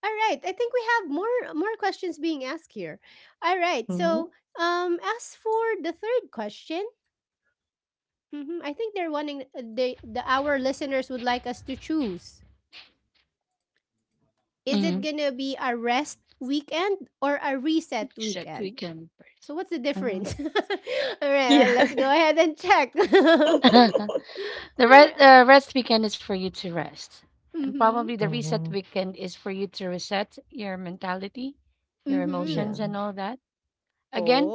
All right, I think we have more questions being asked here. All right, so
Mhm.
as for the third question, mhm, I think they're wanting the our listeners would like us to choose, is
Mm-hmm.
it gonna be a rest weekend or a reset
Except
weekend?
weekend.
So what's the difference? [laughs] All right, well, let's go
Yeah.
ahead and check. [laughs] All
Uh-huh.
[laughs]
[laughs] The rest,
right.
uh, rest weekend is for you to rest. And
Mm-hmm.
probably the reset
Mhm.
weekend is for you to reset your mentality, your
Yeah.
emotions,
Mm-hmm.
and all that. Again,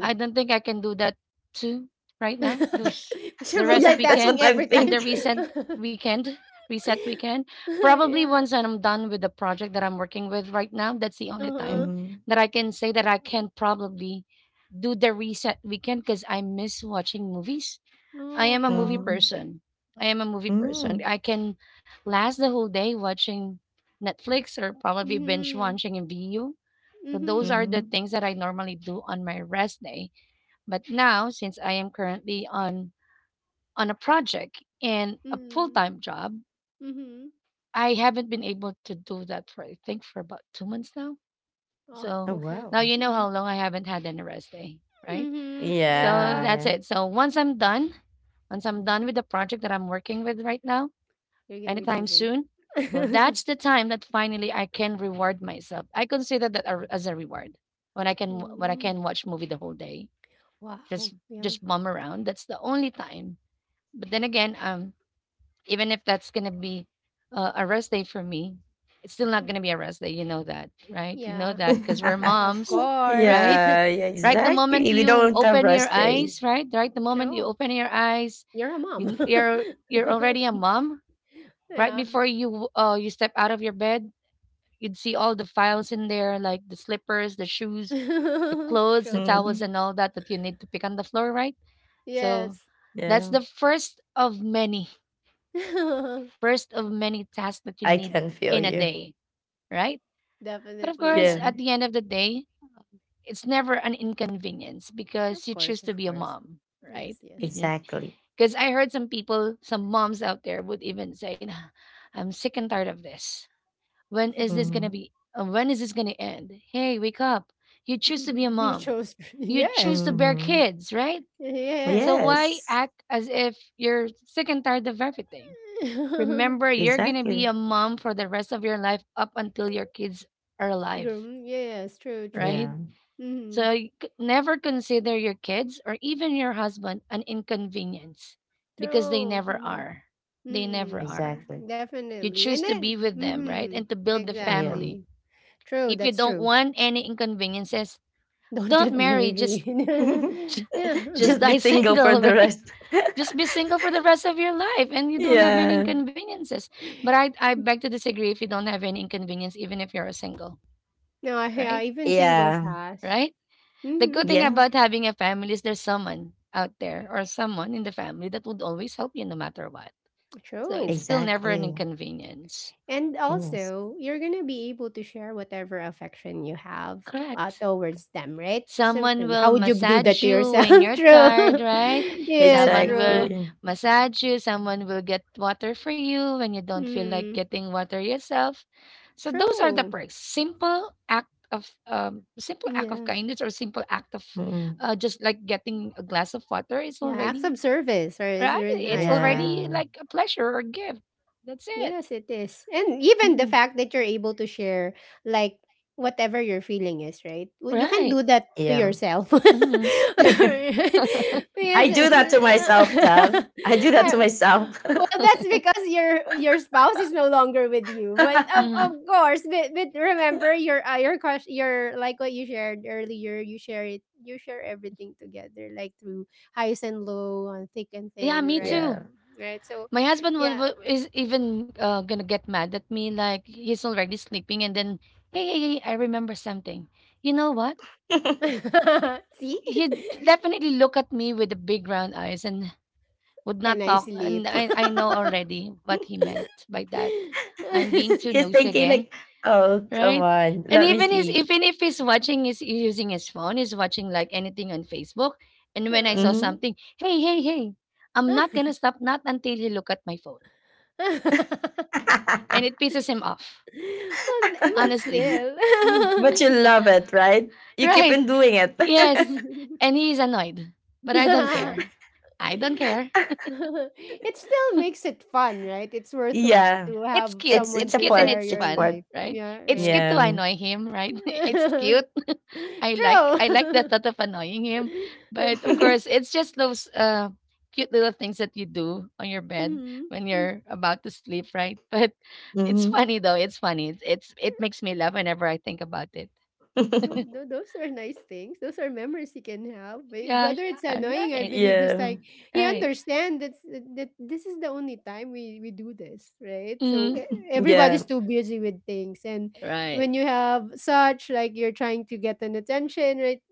I don't think I can do that too right
[laughs]
now. Those
Because you're
the
[laughs]
rest
Yeah, that's what
multitasking
weekend
I'm
every
and
time.
the
thinking.
reset
[laughs]
weekend, reset weekend. Probably
Yeah.
once I'm done with the project that I'm working with right now, that's the only
[laughs]
time
Uh-huh.
Mhm.
that I can say that I can probably do the reset weekend, because I miss watching movies. I
Oh,
am a movie
yeah.
Mhm.
person. I am a movie person. I
Mm.
can last the whole day watching Netflix, or probably binge
Mm-hmm.
watching a video. So those
Mm-hmm.
are the
Mhm.
things that I normally do on my rest day. But now, since I am currently on a project and a full
Mm-hmm.
time job,
Mm-hmm.
I haven't been able to do that for, I think, for about 2 months now.
Oh,
Oh,
So
okay.
wow.
now you know how
Mm.
long I haven't had any rest day, right?
Mm-hmm.
So
Yeah.
that's
Yeah,
it. So once I'm done with the project that I'm working with right now,
You're gonna be
anytime
choosing.
soon. So
[laughs]
that's the time that finally I can reward myself. I consider that as a reward when I can
Mm.
watch movie the whole day,
Wow.
just
Yeah.
just bum around. That's the only time. But then again, even if that's gonna be a rest day for me, it's still not gonna be a rest day. You know that, right? You know
Yeah.
that, because we're
yeah.
Yeah, of
moms,
[laughs]
course.
right?
Yeah,
[laughs]
yeah,
Right, the moment
exactly. We
you
don't have
open your
rest day.
eyes, right, right, the moment you
True.
open your eyes,
You're a mom.
you, you're you're already a
[laughs]
[laughs]
mom, right
Yeah.
before you you step out of your bed, you'd see all the files in there, like the slippers, the shoes, the
[laughs]
clothes, the
True.
towels,
Mhm.
and all that that you need to pick on the floor, right? So
Yes.
that's
Yeah.
the first of many
[laughs]
tasks that you
I
need
can feel
in a
you.
day, right? But of
Definitely,
course,
Yeah.
yeah.
at the end of the day, it's never an inconvenience, because
Of
you choose
course,
to
of
be a
course.
mom, right?
Yes, yes.
Because
Exactly.
I heard some moms out there would even say, "Nah, I'm sick and tired of this. When is this gonna
Mhm.
be? When is this gonna end? Hey, wake up!" You
[laughs]
choose to be a
You
mom.
chose. [laughs]
You choose
Yes.
to bear
Mhm.
kids, right? So
Yes.
why
Yes.
act as if you're sick and tired of everything?
[laughs]
Remember, you're gonna be
Exactly.
a mom for the rest of your life, up until your kids are alive,
Groom, yes, true, true.
right?
Yeah.
Mm-hmm.
So you never consider your kids or even your husband an inconvenience, because they
True.
never
Mm-hmm.
are. They never
Mm-hmm.
are.
Exactly.
Mm-hmm.
You
Definitely.
choose
And
to be
then
with them,
mm-hmm.
right? And to build the
Yeah.
family.
Exactly. True,
If you
that's
don't
true.
want any inconveniences,
[laughs] Don't
don't
get
marry. Just
married.
[laughs]
[laughs]
[laughs] Yeah.
just
Just be
die
single for
single, [laughs]
the
right?
rest. [laughs]
Just be single for the rest of your life, and you don't have any
[laughs]
Yeah.
inconveniences. But I beg to disagree if you don't have any inconvenience even if you're single,
No, yeah,
right?
even singles
Yeah.
has.
Right? The
Mm-hmm.
good thing
Yeah.
about having a family is there's someone out there or someone in the family that would always help you no matter what. So it's
True.
still never an
Exactly.
inconvenience.
And
Yes.
also, you're gonna be able to share whatever affection you have
Correct.
towards them, right?
Someone
Something.
will
How would you do that
massage
to
you
yourself?
when
[laughs]
you're
True.
tired, right?
[laughs] Yes,
Someone, yes, will
true.
Exactly.
massage you. Someone will get water for you when you don't feel like
Mm,
getting water yourself. So those are the
true.
perks. Simple act of
Yeah.
kindness or simple act of
Mm-mm.
just like getting a glass of water is
Yeah. Acts
already
of service are is
right.
very
It's
nice, right?
already
Yeah.
like a pleasure or gift. That's it.
Yes, it is. And even the
Mhm.
fact that you're able to share like whatever your feeling is, right? You can
Right.
do that to
Yeah.
yourself. [laughs] Because
[laughs] I do that to myself, Dove.
it's-
I do
[laughs]
that to myself.
well, that's because your spouse is no longer with you. But
Hmm.
[laughs]
of course, but remember your crush, your like what you shared earlier. You share it. You share everything together, like through highs and low, and thick and
Yeah,
thin,
me
right?
Yeah.
too.
Mhm. Right. So,
My husband
yeah.
would is even gonna get mad at me, like he's already sleeping, and then, hey, hey, hey, I remember something. You know what?
[laughs] See?
He'd
[laughs]
definitely look at me with the big round eyes and would
Can
not
I
talk. And
sleep? [laughs]
I know already what he meant by that. I'm being too
[laughs] She's
nosy
thinking
again,
like, "Oh, come
right?
on,
And
let me sleep."
even if he's watching, is using his phone, he's watching like anything on Facebook. And when I saw
Uh,
Hmm.
something, hey, hey, hey, I'm
[laughs]
not
well,
gonna stop, not until he look at my phone, and it pisses him off.
but
Honestly.
[laughs]
still. [laughs]
But you love it, right? You keep
Right.
on doing it.
Yes. And he is annoyed. But I don't care. I don't care.
[laughs]
It still makes it fun, right? It's worthwhile
Yeah,
to
It's
have
cute.
it's
It's
someone
it's a
to
cute and
part.
share
it's
your
It's
fun,
part.
life.
right?
Yeah,
It's
right?
cute to
Yeah.
annoy him, right? [laughs] It's cute.
[laughs]
I like the
True.
thought of annoying him. But of course,
[laughs]
it's just those cute little things that you do on your
[laughs]
bed
Mhm.
when you're about to sleep, right? [laughs] But it's
Hmm.
funny though. It's funny. It's it makes me laugh whenever I think about it.
No, no,
[laughs]
those are nice things. Those are memories you can have. Whether it's
All
annoying, I
right.
believe he's
Yeah.
like he
Right.
understands that this is the only time we do this, right? So
Mm-hmm.
Yeah.
everybody's too busy with things, and when
Right.
you have such like you're trying to get an attention, right?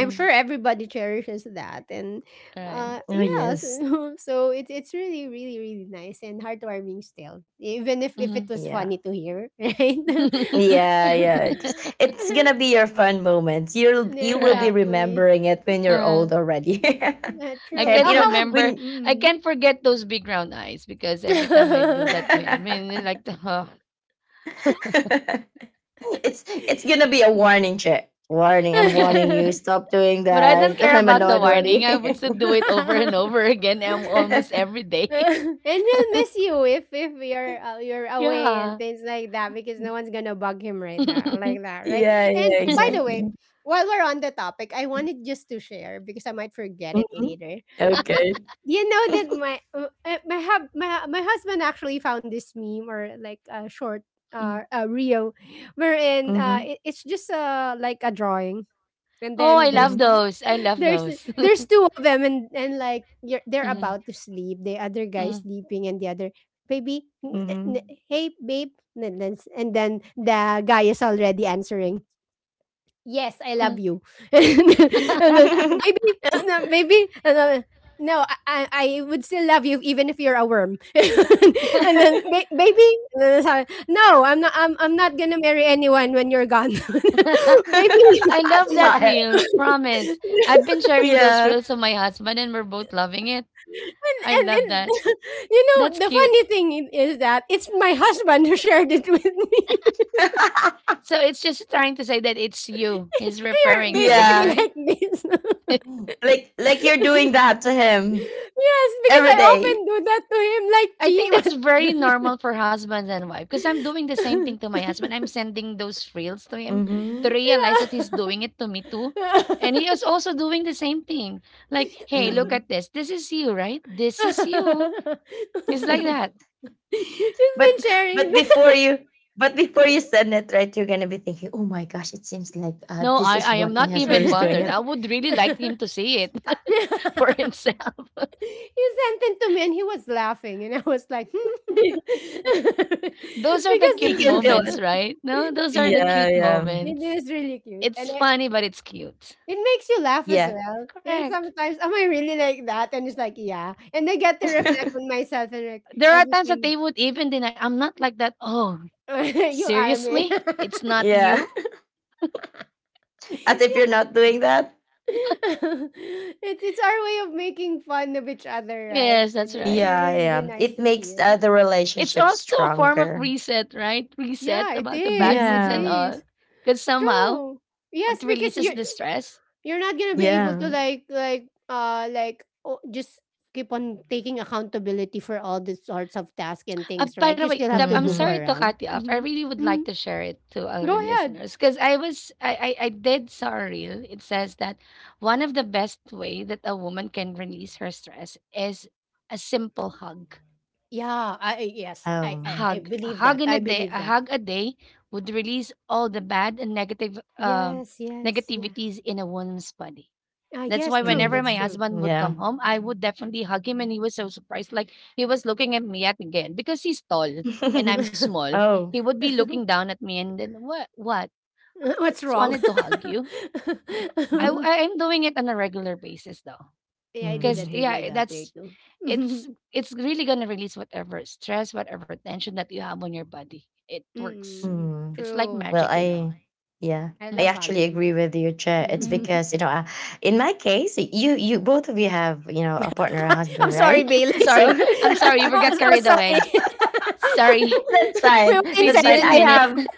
I'm sure everybody cherishes that, and
Right.
Oh
yeah,
yes.
so, [laughs] so it's really really really nice and heartwarming still, even if it
Mhm.
was funny
Yeah.
to hear, [laughs] right?
[laughs]
Yeah, yeah. It's gonna
[laughs]
be your fun moments. You'll
Yeah,
you will be
Correct.
exactly.
remembering it when you're
Uh,
old already.
Yeah,
I
[laughs]
true.
And
can't
you
Ah,
know,
how ab
remember.
when
I
mm.
can't forget those big round eyes because every time I
[laughs]
do that to him, I mean, it's
[laughs]
like the [laughs]
[laughs] it's gonna be a warning check. Warning, I'm
yeah,
warning
yeah.
you. Stop doing
But I don't
that. [laughs]
care
I'm
about the
annoyed
warning. I would
already.
still do it over and over [laughs] again, almost
[laughs]
every day.
And he'll miss you if you're you're
[laughs]
away and
Yeah.
things like that because no one's gonna bug him right now
[laughs]
like that, right?
Yeah,
And
yeah,
by the way,
exactly.
while we're on the topic, I wanted just to share because I might forget it
Hmm.
later.
Okay.
You know that my my hub my my husband actually found this meme or like a short
Mhm.
a reel [laughs] wherein
Mm-hmm.
it's just like a drawing and
Oh, I
then
love
there's
Mm-hmm.
those. I
[gasps]
love
there's
those. [laughs]
there's two of them and like you're, they're
Mhm.
about to sleep, the other guy sleeping and the other baby
Mm-hmm.
hey babe, and then the guy is already answering, yes I love you, [laughs] and then, and
[laughs]
[laughs]
maybe and then, no, I I would still love you even if you're a worm, [laughs] and then baby," and then sabi, [laughs] no, I'm not gonna marry anyone when you're gone, [laughs] baby,
I
Love
and,
saw
that
it.
reel. Promise. I've been sharing those
Yeah.
reels with my husband, and we're both loving it. I
and
love
and
that.
[laughs] you know
That's
the
cute.
funny thing is that it's my husband who shared it with me.
[laughs]
So it's just trying to say that it's you
[laughs]
he's
You're
referring to,
basically
Yeah.
right?
like this. [laughs]
[laughs]
Like you're doing that to him
Yes, because
every
I
day.
often do that to him, like,
I think that's
gee,
very normal for husbands and wife because I'm doing the same
what?
thing to my husband. I'm sending those reels to him to
Mm-hmm.
realize that
[laughs] Yeah.
he's
[laughs]
doing it to me
[laughs]
too. And he
He's
is also doing the same thing. Like, hey, look at
Mm.
this. This is you, right? This is you. It's like that.
[laughs]
been
But
sharing.
but before you before you send it, right, you're gonna be thinking, oh my gosh, it seems like
No,
this is
I
[laughs]
am
what my
not
husband
even
is doing.
bothered.
It
I
You
would really like him to see it [laughs] for himself.
sent it to me, and he was laughing, and I was like,
[laughs]
hmm. [laughs]
Those are the
he
cute
can feel
Because
moments,
it.
right? No, those are the
Yeah,
cute
yeah,
[laughs] it
moments.
is really cute, and
It's funny, but it's cute.
it makes you laugh as
yeah,
well. Yeah,
Correct.
sometimes, am I really like that? And it's like, yeah, and I get to reflect on
[laughs]
myself, and like
There are
every
times that
time.
they would even deny. I'm not like that. Oh,
[laughs] You are me.
seriously? It's not
yeah.
you?
[laughs] As if
[laughs]
you're not doing that.
[laughs] It's our way of making fun of each other, right?
Yes,
And
that's
then it's
right.
really
Yeah,
really
yeah.
nice
It
to
makes
feel.
the
It's
relationship
also a form of
stronger.
reset, right? Reset
Yeah, it
about the bad
is.
moods
It
and
Yeah,
all.
is
Because somehow
true.
it
Yes, because
releases the stress.
you're not gonna be able to
yeah.
oh, just keep on taking accountability for all these sorts of tasks and things,
By
right?
the
You
way,
still
Dab,
have to
I'm
goof
sorry
Mm-hmm.
to
around.
cut you off. I
Hmm.
really would
Mm.
like to share it to our
Go ahead.
listeners because I was I did saw a reel. It says that one of the best way that a woman can release her stress is a simple hug
Yeah. Yes. I
Oh,
I
hug. A
believe that.
hug in
I
a day,
believe
a
that.
hug a day would release all the bad and negative
Yes. Yes. Yeah.
negativities in a woman's body.
Ah,
That's
yes.
why
True.
whenever
That's
my
mm,
true.
husband would
yeah.
come home, I would definitely hug him, and he was so surprised. Like he was looking at me yet again because he's tall and I'm
[laughs]
small. He
Oh. [laughs]
would be looking
[laughs]
down at me, and then what? What?
[laughs]
I
What's
just
wrong?
wanted to hug you.
Mhm.
[laughs]
I am doing it on a regular basis though,
Yeah, I did
because
that
Mhm.
with my
yeah,
daughter
that's
too.
it's
[laughs]
it's really gonna release whatever stress, whatever tension that you have on your body. It works.
Mm,
Mm.
It's like
true.
Well,
magic, you.
I yeah,
I
I
love
Mhm,
actually
hugging.
agree with you, Chair. It's
mhm.
Mm.
because you know, in my case, you both of you have you know a partner, a
[laughs] I'm
husband,
sorry,
right?
Bailey.
[laughs]
[laughs]
Sorry.
So
I'm
[laughs]
sorry. We
Oh,
got
oh,
carried
sorry.
away. Sorry.
[laughs] That's
[laughs] We
fine.
were
That's fine. I
insensitive.
have
[laughs]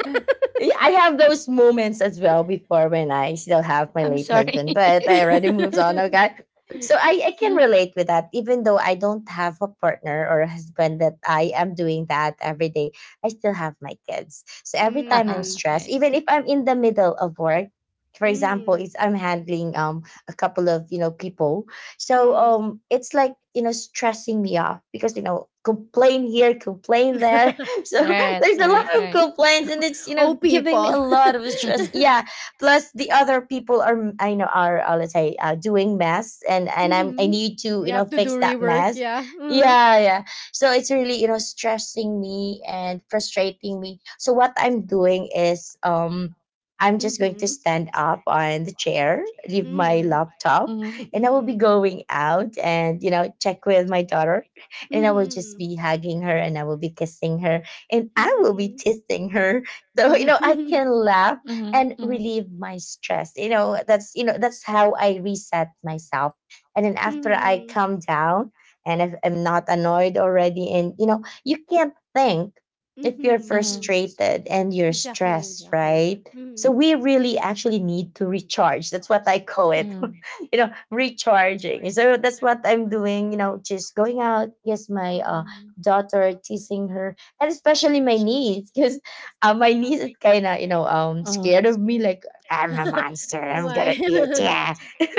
yeah, I have those moments as well before when I still have my late husband, but
[laughs]
I already moved
[laughs]
on, okay? So I can relate with that. Even though I don't have a partner or a husband that I am doing that every day, I still have my kids. So every time
Uh-huh.
I'm
Mm,
stressed, even if I'm in the middle of work, for example,
mm,
it's I'm handling a couple of, you know, people, so
mm.
it's like, you know, stressing me off because you know, complain here, complain there, so [laughs] there's a lot of complaints and it's, you
[laughs] Oh,
know, giving me a
people.
lot of stress,
[laughs]
yeah, plus the other people are I know are, let's say, doing mess, and
[laughs]
I
Hmm.
need to,
You
you know,
have to do
fix that
rework,
mess.
yeah. Uh-huh.
Yeah, yeah. So it's really, you know, stressing me and frustrating me. So what I'm doing is, I'm just going to
Mm-hmm.
stand up on the chair, leave my
Mm-hmm.
laptop, and I will be
Mm-hmm.
going out and, you know, check with my daughter, and I will just
Mm-hmm.
be hugging her, and I will be kissing her, and I will be
Mm-hmm.
teasing her. [laughs] So, you
Mhm.
know, I
[laughs]
can laugh and relieve my stress. You know, that's how I reset myself. And then after I
Mhm,
calm down, and if I'm not annoyed already, and, you know, you can't think if you're
mhm, true.
frustrated and you're
Exactly,
stressed,
exactly.
right? So
Mhm.
we really actually need to recharge. That's what I call it. [laughs] You know, recharging. So that's what I'm doing, you know, just going out. Yes, my
Um,
daughter, teasing her, and especially my niece, because my niece is kind of, you know,
Mhm.
scared of me, like, I'm a monster, I'm gonna
why?
eat ya.
[laughs]
[laughs]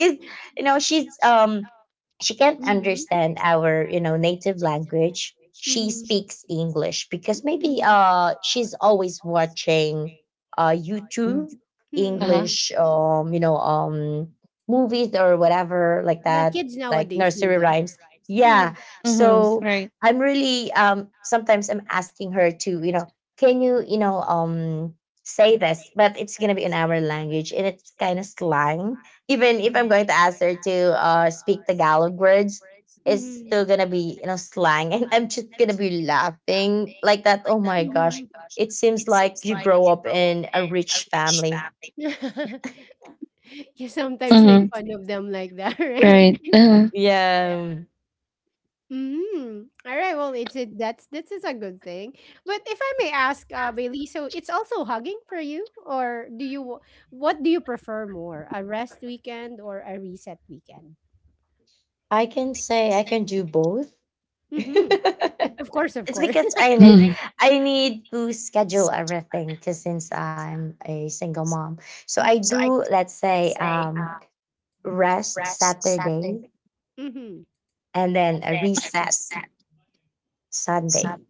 Because, you know, she's, she can't
Mhm,
understand our you know native language. She
mhm,
speaks English because maybe
mhm,
she's always watching YouTube
Uh-huh.
mhm.
English movies or whatever like
Yeah,
that,
kids
like
nowadays do
nursery
that.
rhymes. Yeah.
Mhm,
Hmm.
So I'm really sometimes I'm asking her to, you know, can you, you know, say this, but it's gonna be in our language and it's kind of slang. Even if I'm going to ask her to speak Tagalog words, it's still
mhm,
gonna be, you know, slang, and I'm just gonna be laughing like that. Oh my
mhm,
gosh,
mhm.
it seems like you grow up in a rich family.
[laughs] You sometimes make fun of them like that, [laughs] right?
Yeah,
Mm. All right. Well, it's it. That's this is a good thing. But if I may ask, Bailey, so it's also hugging for you, or do you what do you prefer more, a rest weekend or a reset weekend?
I can say I can do both. [laughs]
Mm-hmm. Of course, of
It's
course.
because I need— I need to schedule everything because since I'm a single mom. So I do,
[laughs]
let's say, rest Saturday
Mm-hmm.
and then a reset Sunday.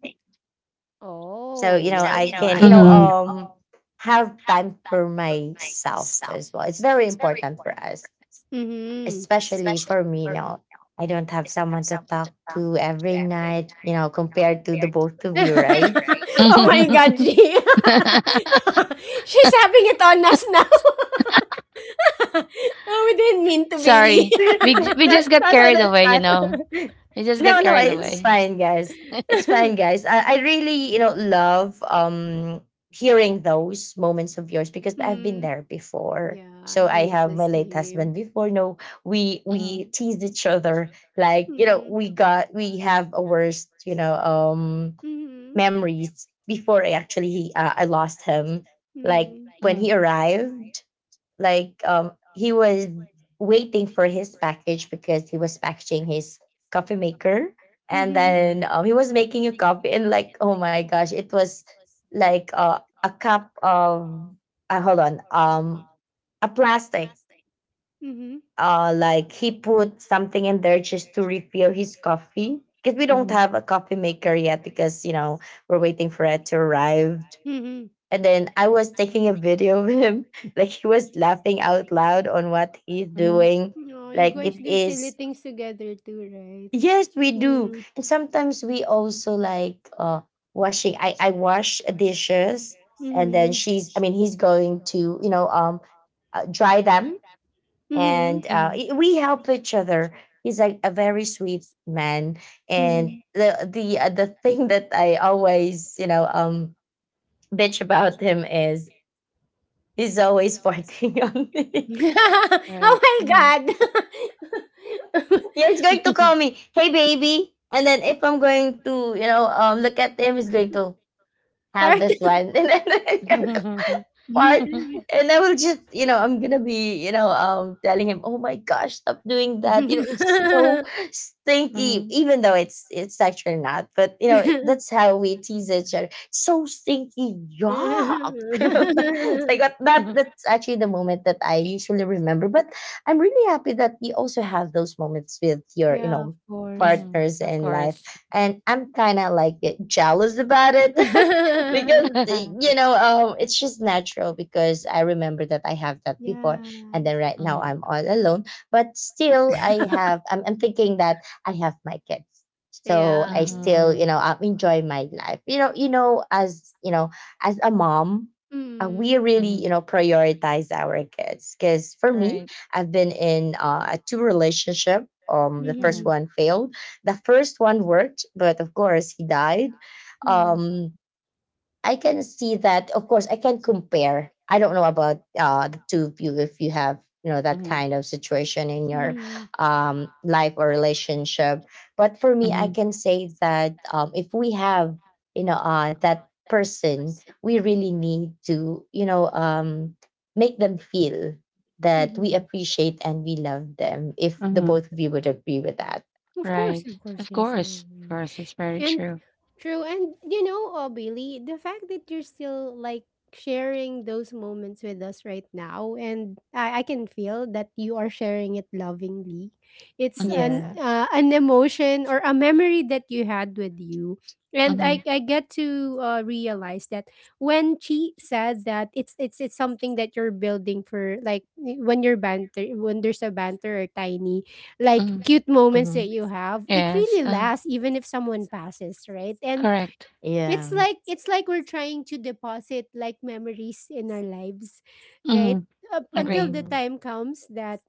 So,
Oh
you know, I
yeah.
can, you know, have time for myself as well. It's very important for us,
Mm-hmm.
especially for me. You know, I don't have someone to talk to every night, you know, compared to the both
[laughs]
of you, right?
Oh my God, G.
[laughs]
[laughs] She's having it on us now. [laughs] Oh, we didn't mean to, Bailey.
[laughs] No,
We
no, no,
the
that's
way, you
fine.
know. It's just
No, no, it's fine, guys. It's fine,
[laughs]
guys. I really, you know, love hearing those moments of yours because I've been
Mm.
there before.
Yeah,
So
he
I have my
misses
late
him.
husband before. No, we
Mhm,
teased each other. Like, you know,
Mhm,
we have a worst, you know,
mhm,
memories before I actually I lost him. Like
mhm,
when
mhm,
he arrived, like he was waiting for his package because he was packaging his coffee maker. And
mhm,
then he was making a coffee, and like, oh my gosh, it was like a cup of hold on a plastic—
mhm,
like he put something in there just to refill his coffee because we don't
mhm,
have a coffee maker yet because, you know, we're waiting for it to arrive.
mhm.
And then I was taking a video of him. [laughs] Like he was laughing out loud on what he's
mhm,
doing.
Oh, you
Like it
guys
mhm.
do silly
is,
things together too, right?
yes, we do.
Mhm,
And sometimes we also like washing. I wash dishes, and then
mhm,
she's— I mean, he's going to, you know, dry them,
mhm,
and I- we help each other. He's like a very sweet man. And
mhm.
the [laughs] thing that I always, you know, bitch about him is, he's always farting on me.
[laughs] Oh
Right.
my God!
[laughs] Yeah,
[laughs]
he's going to call me, hey baby. And then if I'm going to, you know, look at him, he's going to have
Part.
this one [laughs] and then I kind of
[laughs]
part.
[laughs]
And I will just, you know, I'm gonna be, you know, telling him, oh my gosh, stop doing that. You know, it's so stinky, even though it's actually not. But you know, that's how we tease each other. So stinky, yuck. [laughs] It's like what, that— that's actually the moment that I usually remember. But I'm really happy that you also have those moments with your, you
Yeah, of
know,
course.
Mhm,
partners in life.
yes.
And I'm kind of like jealous about it. [laughs] [laughs] Because,
[laughs]
[laughs]
you know, it's just natural, because I remember that I have that before. And then
Yes.
right now I'm all alone. But still I'm thinking that I have my kids. So I
Yeah.
still, you know, I'm enjoying my life, you know, you know, as you know, as a mom. We
Mm.
really, you know, prioritize our kids, because for me, I've been in a two relationship. The first
Mhm.
one failed, the first one worked, but of course he died.
Mm.
um I can see that. Of course, I can compare. I don't know about the two of you, if you have, you know, that kind of situation in your
Mhm.
life or relationship. But for me, I can say that if we have, you know, that person, we really need to, you know, make them feel that we
Mhm.
appreciate and we love them. If the
Mhm,
both of you would agree with that,
right.
Of course,
Of
yes, I
course. Of
agree.
course. It's very
And
true.
true, and you know, Bailey, the fact that you're still like sharing those moments with us right now, and I can feel that you are sharing it lovingly. It's
Mhm,
yeah,
an emotion or a memory that you had with you. And
mhm,
I get to realize that when she said that it's something that you're building for, like when you're banter, when there's a banter or tiny like
mhm.
cute moments that
hmm,
you have, it
Yes.
really lasts even if someone passes, right? And it's
yeah,
like we're trying to deposit like memories in our lives, right,
Mhm.
up until
Agree.
the
mm,
time comes that,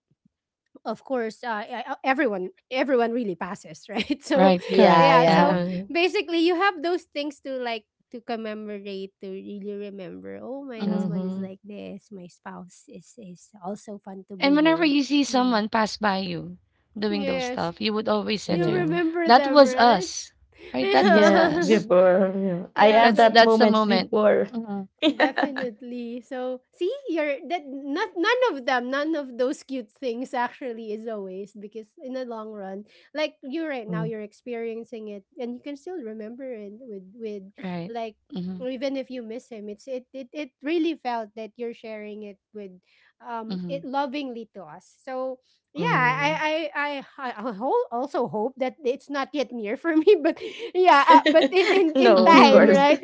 of course everyone really passes, [laughs] right? So
yeah,
yeah,
Uh-huh.
so
yeah.
basically you have those things to like to commemorate, to really remember, oh, my
Uh.
husband is
Hmm.
like this, my spouse is also fun to be
And whenever
with.
you see
Mm.
someone pass by you doing those
Yes.
stuff, you would always say to
You
you,
Yeah.
remember
"That
them,
was
right?
us,
[laughs]
right? That was
Yeah,
us.
Yeah.
before, yeah.
[laughs]
I
Yeah,
have
so
that
That's the
moments
moment,
before.
Mhm,
[laughs] Yeah.
definitely. So, see, you're that, not none of them, none of those cute things actually is a waste because in the long run, like you right now,
Mm,
you're experiencing it, and you can still remember it with
right?"
like,
Mm-hmm.
even if you miss him, it's it it it really felt that you're sharing it with
Mm-hmm.
it lovingly to us. So yeah,
mm.
I also hope that it's not yet near for me, [laughs] but yeah, but
[laughs]
in
No, of
time,
course.
Mm-hmm.
right?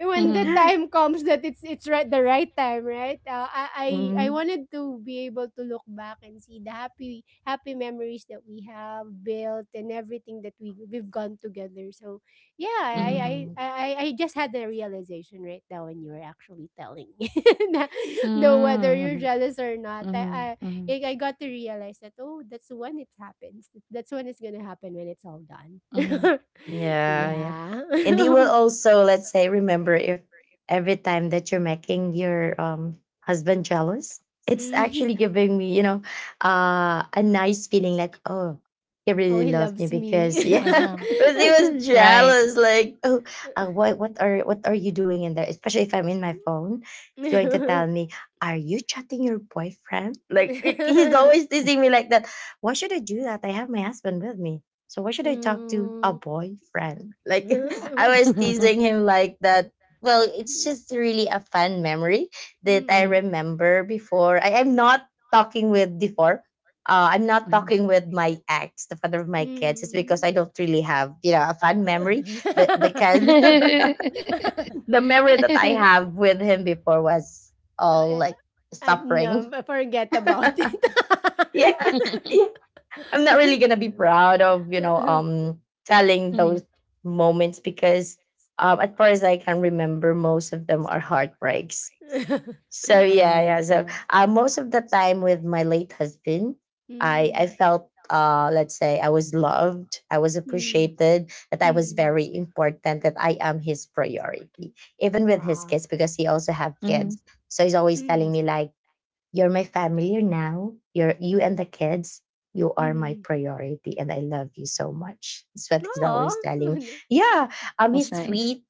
When the
Mm-hmm.
time
[laughs]
comes that it's right the right time, right? I
Mhm,
wanted to be able to look back and see the happy happy memories that we have built and everything that we've gone together. So yeah,
Mm-hmm.
mhm.
I just had the realization right now when you were actually telling me, [laughs] na, no, whether you're
Mm-hmm.
jealous or not. I
Mm-hmm.
like, I got to realize that, oh, that's when it happens. That's when it's gonna happen when it's all done.
Mm-hmm.
[laughs]
Yeah, yeah.
Yeah.
And you will
[laughs]
also, let's say, remember if every time that you're making your husband jealous, it's actually
Mhm.
giving me, you know, a nice feeling like, oh, he
Oh,
really
he
loved me
loves
because,
me.
yeah, [laughs] because he
[laughs]
was jealous. Like, oh, what are you doing in there? Especially if I'm in my phone, it's going to
Mm.
tell me, are you chatting your boyfriend? Like, he's always teasing me like that. Why should I do that? I have my husband with me, so why should I talk to a boyfriend? [laughs] Like, I was
[laughs]
teasing him like that. Well, it's just really a fun memory that I
Mm.
remember before. I am not talking with before. I'm not talking with my ex, the father of my kids. It's because I
Mm.
don't really have, you know, a fun memory. But
[laughs]
because [laughs] the memory that I have with him before was all
I
like
no,
suffering.
but forget
[laughs]
about it.
Yeah.
[laughs]
Yeah. I'm not really gonna
[laughs]
be proud of, you know, telling those moments because as far as I can remember, most of them are heartbreaks. So yeah, yeah. So most of the time with my late husband, I
Mm.
felt let's say I was loved, I was
Mm.
appreciated, that I was
Mm.
very important, that I am his priority, even with his
Wow.
kids
[laughs]
because he also have kids. So he's always telling
Mm.
me like, you're my family now. You're you and the kids. You are my
Mm.
priority, and I love you so much. That's what he's always
Oh.
telling me.
[laughs]
Yeah,
That's
it's
nice.
sweet.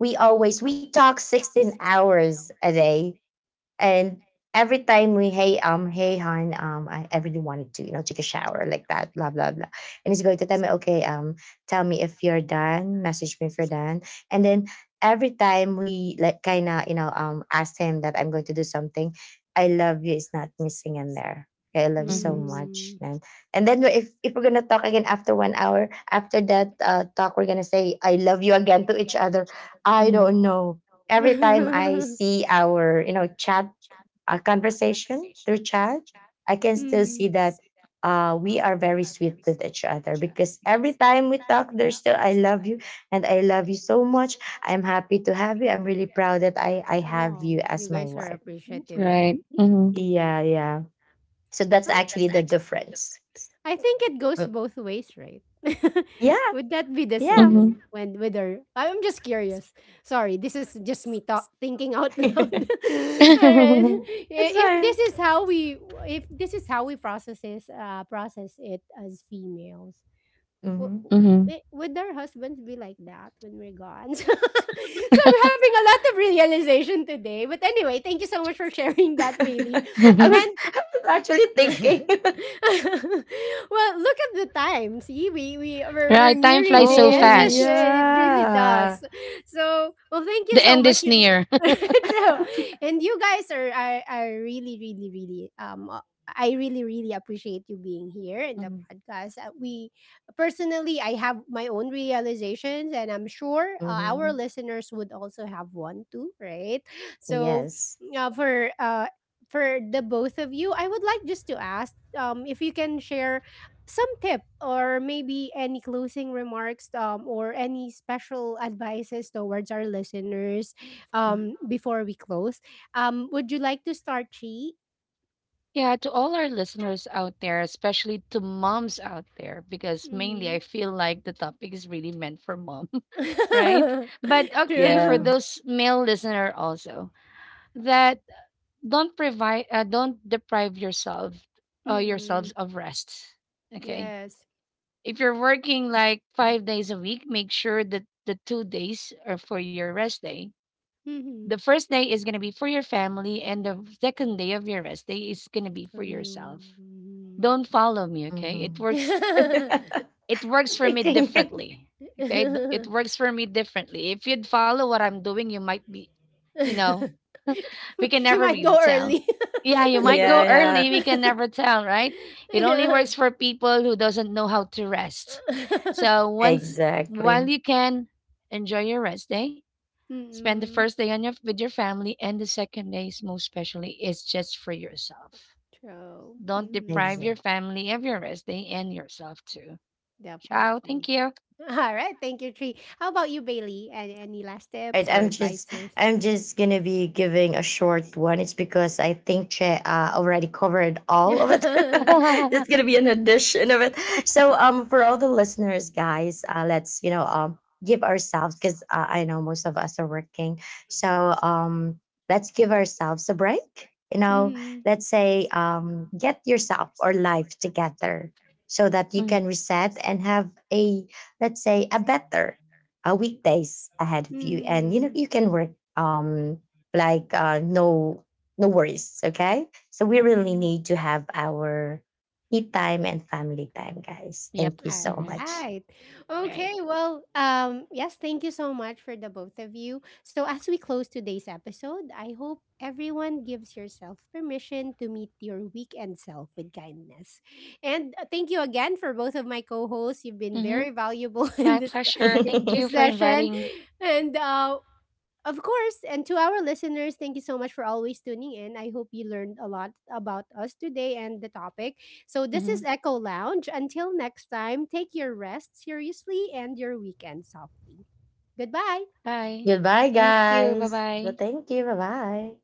We talk 16 hours a day. And every time we— hey hey hon, I really wanted to, you know, take a shower like that, blah blah blah. And he's going to tell me, okay, tell me if you're done, message me if you're done. And then every time we like kind of, you know, asked him that I'm going to do something, I love you is not missing in there. Okay, I love you so
Mm.
much. And then we're- if we're gonna talk again after one hour after that talk, we're gonna say I love you again to each other. I
Mhm.
don't know, every time I
[laughs]
see our, you know, chat conversation through chat, I can still see
Mm.
that we are very sweet with each other, because every time we talk, there's still "I love you" and "I love you so much." I'm happy to have you. I'm really proud that I have
Oh,
you
you
as my
guys are
wife.
appreciative.
Right. Mm-hmm.
Mm.
Yeah, yeah. So that's actually
Well,
the difference.
I think it goes
Mm.
both ways, right? [laughs]
Yeah,
Would that be the same
yeah.
when with her? I'm just curious. Sorry, this is just me thinking out [laughs]
[laughs]
loud. All
It's
right.
[laughs]
If
fine.
this is how we, if this is how we processes process it as females, w-
Mhm.
w- would our husbands be like that when we're gone? [laughs] So I'm having a lot of realization today. But anyway, thank you so much for sharing
[laughs]
that, Bailey.
I
Mm-hmm.
was
And
I was actually thinking. [laughs]
[laughs] well, look at the time. See,
[laughs]
we're
Right. Time
nearing
flies
the
so
Oh,
end. That's
fast.
it. Really
yeah.
does. So, well, thank you
The
so
end
much.
is
You-
near.
[laughs]
[laughs]
true, and you guys are really really really I really really appreciate you being here in the
Mhm.
podcast. We personally, I have my own realizations, and I'm sure our
Mm-hmm.
listeners would also have one too, right? So,
Yes.
uh, for uh, for the both of you, I would like just to ask if you can share some tip or maybe any closing remarks or any special advices towards our listeners before we close. Would you like to start, Chi?
Yeah, to all our listeners out there, especially to moms out there, because mainly
Mm-hmm.
I feel like the topic is really meant for mom, [laughs] right?
[laughs]
But okay, for
True.
Yeah.
those male listener also, that don't deprive yourself,
Mm.
yourselves of rest. Okay,
Yes.
if you're working like 5 days a week, make sure that the 2 days are for your rest day. The
Mm-hmm.
first day is gonna be for your family, and the second day of your rest day is gonna be
For
for yourself.
you.
Don't follow me, okay?
Mhm. [laughs]
Mm-hmm.
It works
[laughs]
for me
Thinking. [laughs]
differently. Okay? It works for me differently. If you'd follow what I'm doing, you might be, you know, we can
You
never
might
really
go
tell.
early.
Yeah, you might
Yeah,
go
yeah.
early, we can
[laughs]
never tell,
[laughs]
right? It only
Yeah.
works for people who doesn't know how to rest.
[laughs]
So once while
Exactly.
you can enjoy your rest day, spend the
Mm-mm.
first day on your with your family and the second day is most especially is just for yourself.
True.
Don't
Mm-hmm.
deprive your
Exactly.
family of your rest day and yourself too. Ciao. Thank
Definitely.
you.
[laughs] All right. Thank you, Tree. How about you, Bailey? Any last
I,
tips or
I'm just
advices?
I'm just gonna be giving a short one. It's because I think Che already covered
[laughs]
all of it.
Mm-hmm.
[laughs] That's gonna
[laughs]
be an addition of it. So for all the listeners, guys, let's, you know, give ourselves, because I know most of us are working. So let's give ourselves a break. You know, let's say, get yourself or life together so that you can reset and have a— let's say a better weekdays ahead of you. And you know,
Mm-hmm.
you can work um no, no worries. Okay, so we really need to have our eat time and family time, guys.
Yep.
Thank you
All
so
Hmm.
much.
right.
Right.
Okay. Well, yes, thank you so much for the both of you. So, as we close today's episode, I hope everyone gives yourself permission to meet your weekend self with kindness. And thank you again for both of my co hosts. You've been
Hmm.
very valuable [laughs]
My pleasure.
in
Thank you
this
for
session.
inviting.
And of course, and to our listeners, thank you so much for always tuning in. I hope you learned a lot about us today and the topic. So, this
Hmm.
is Echo Lounge. Until next time, take your rest seriously and your weekend softly. Goodbye.
[laughs]
Bye.
Goodbye guys, well
Bye.
thank you, bye bye.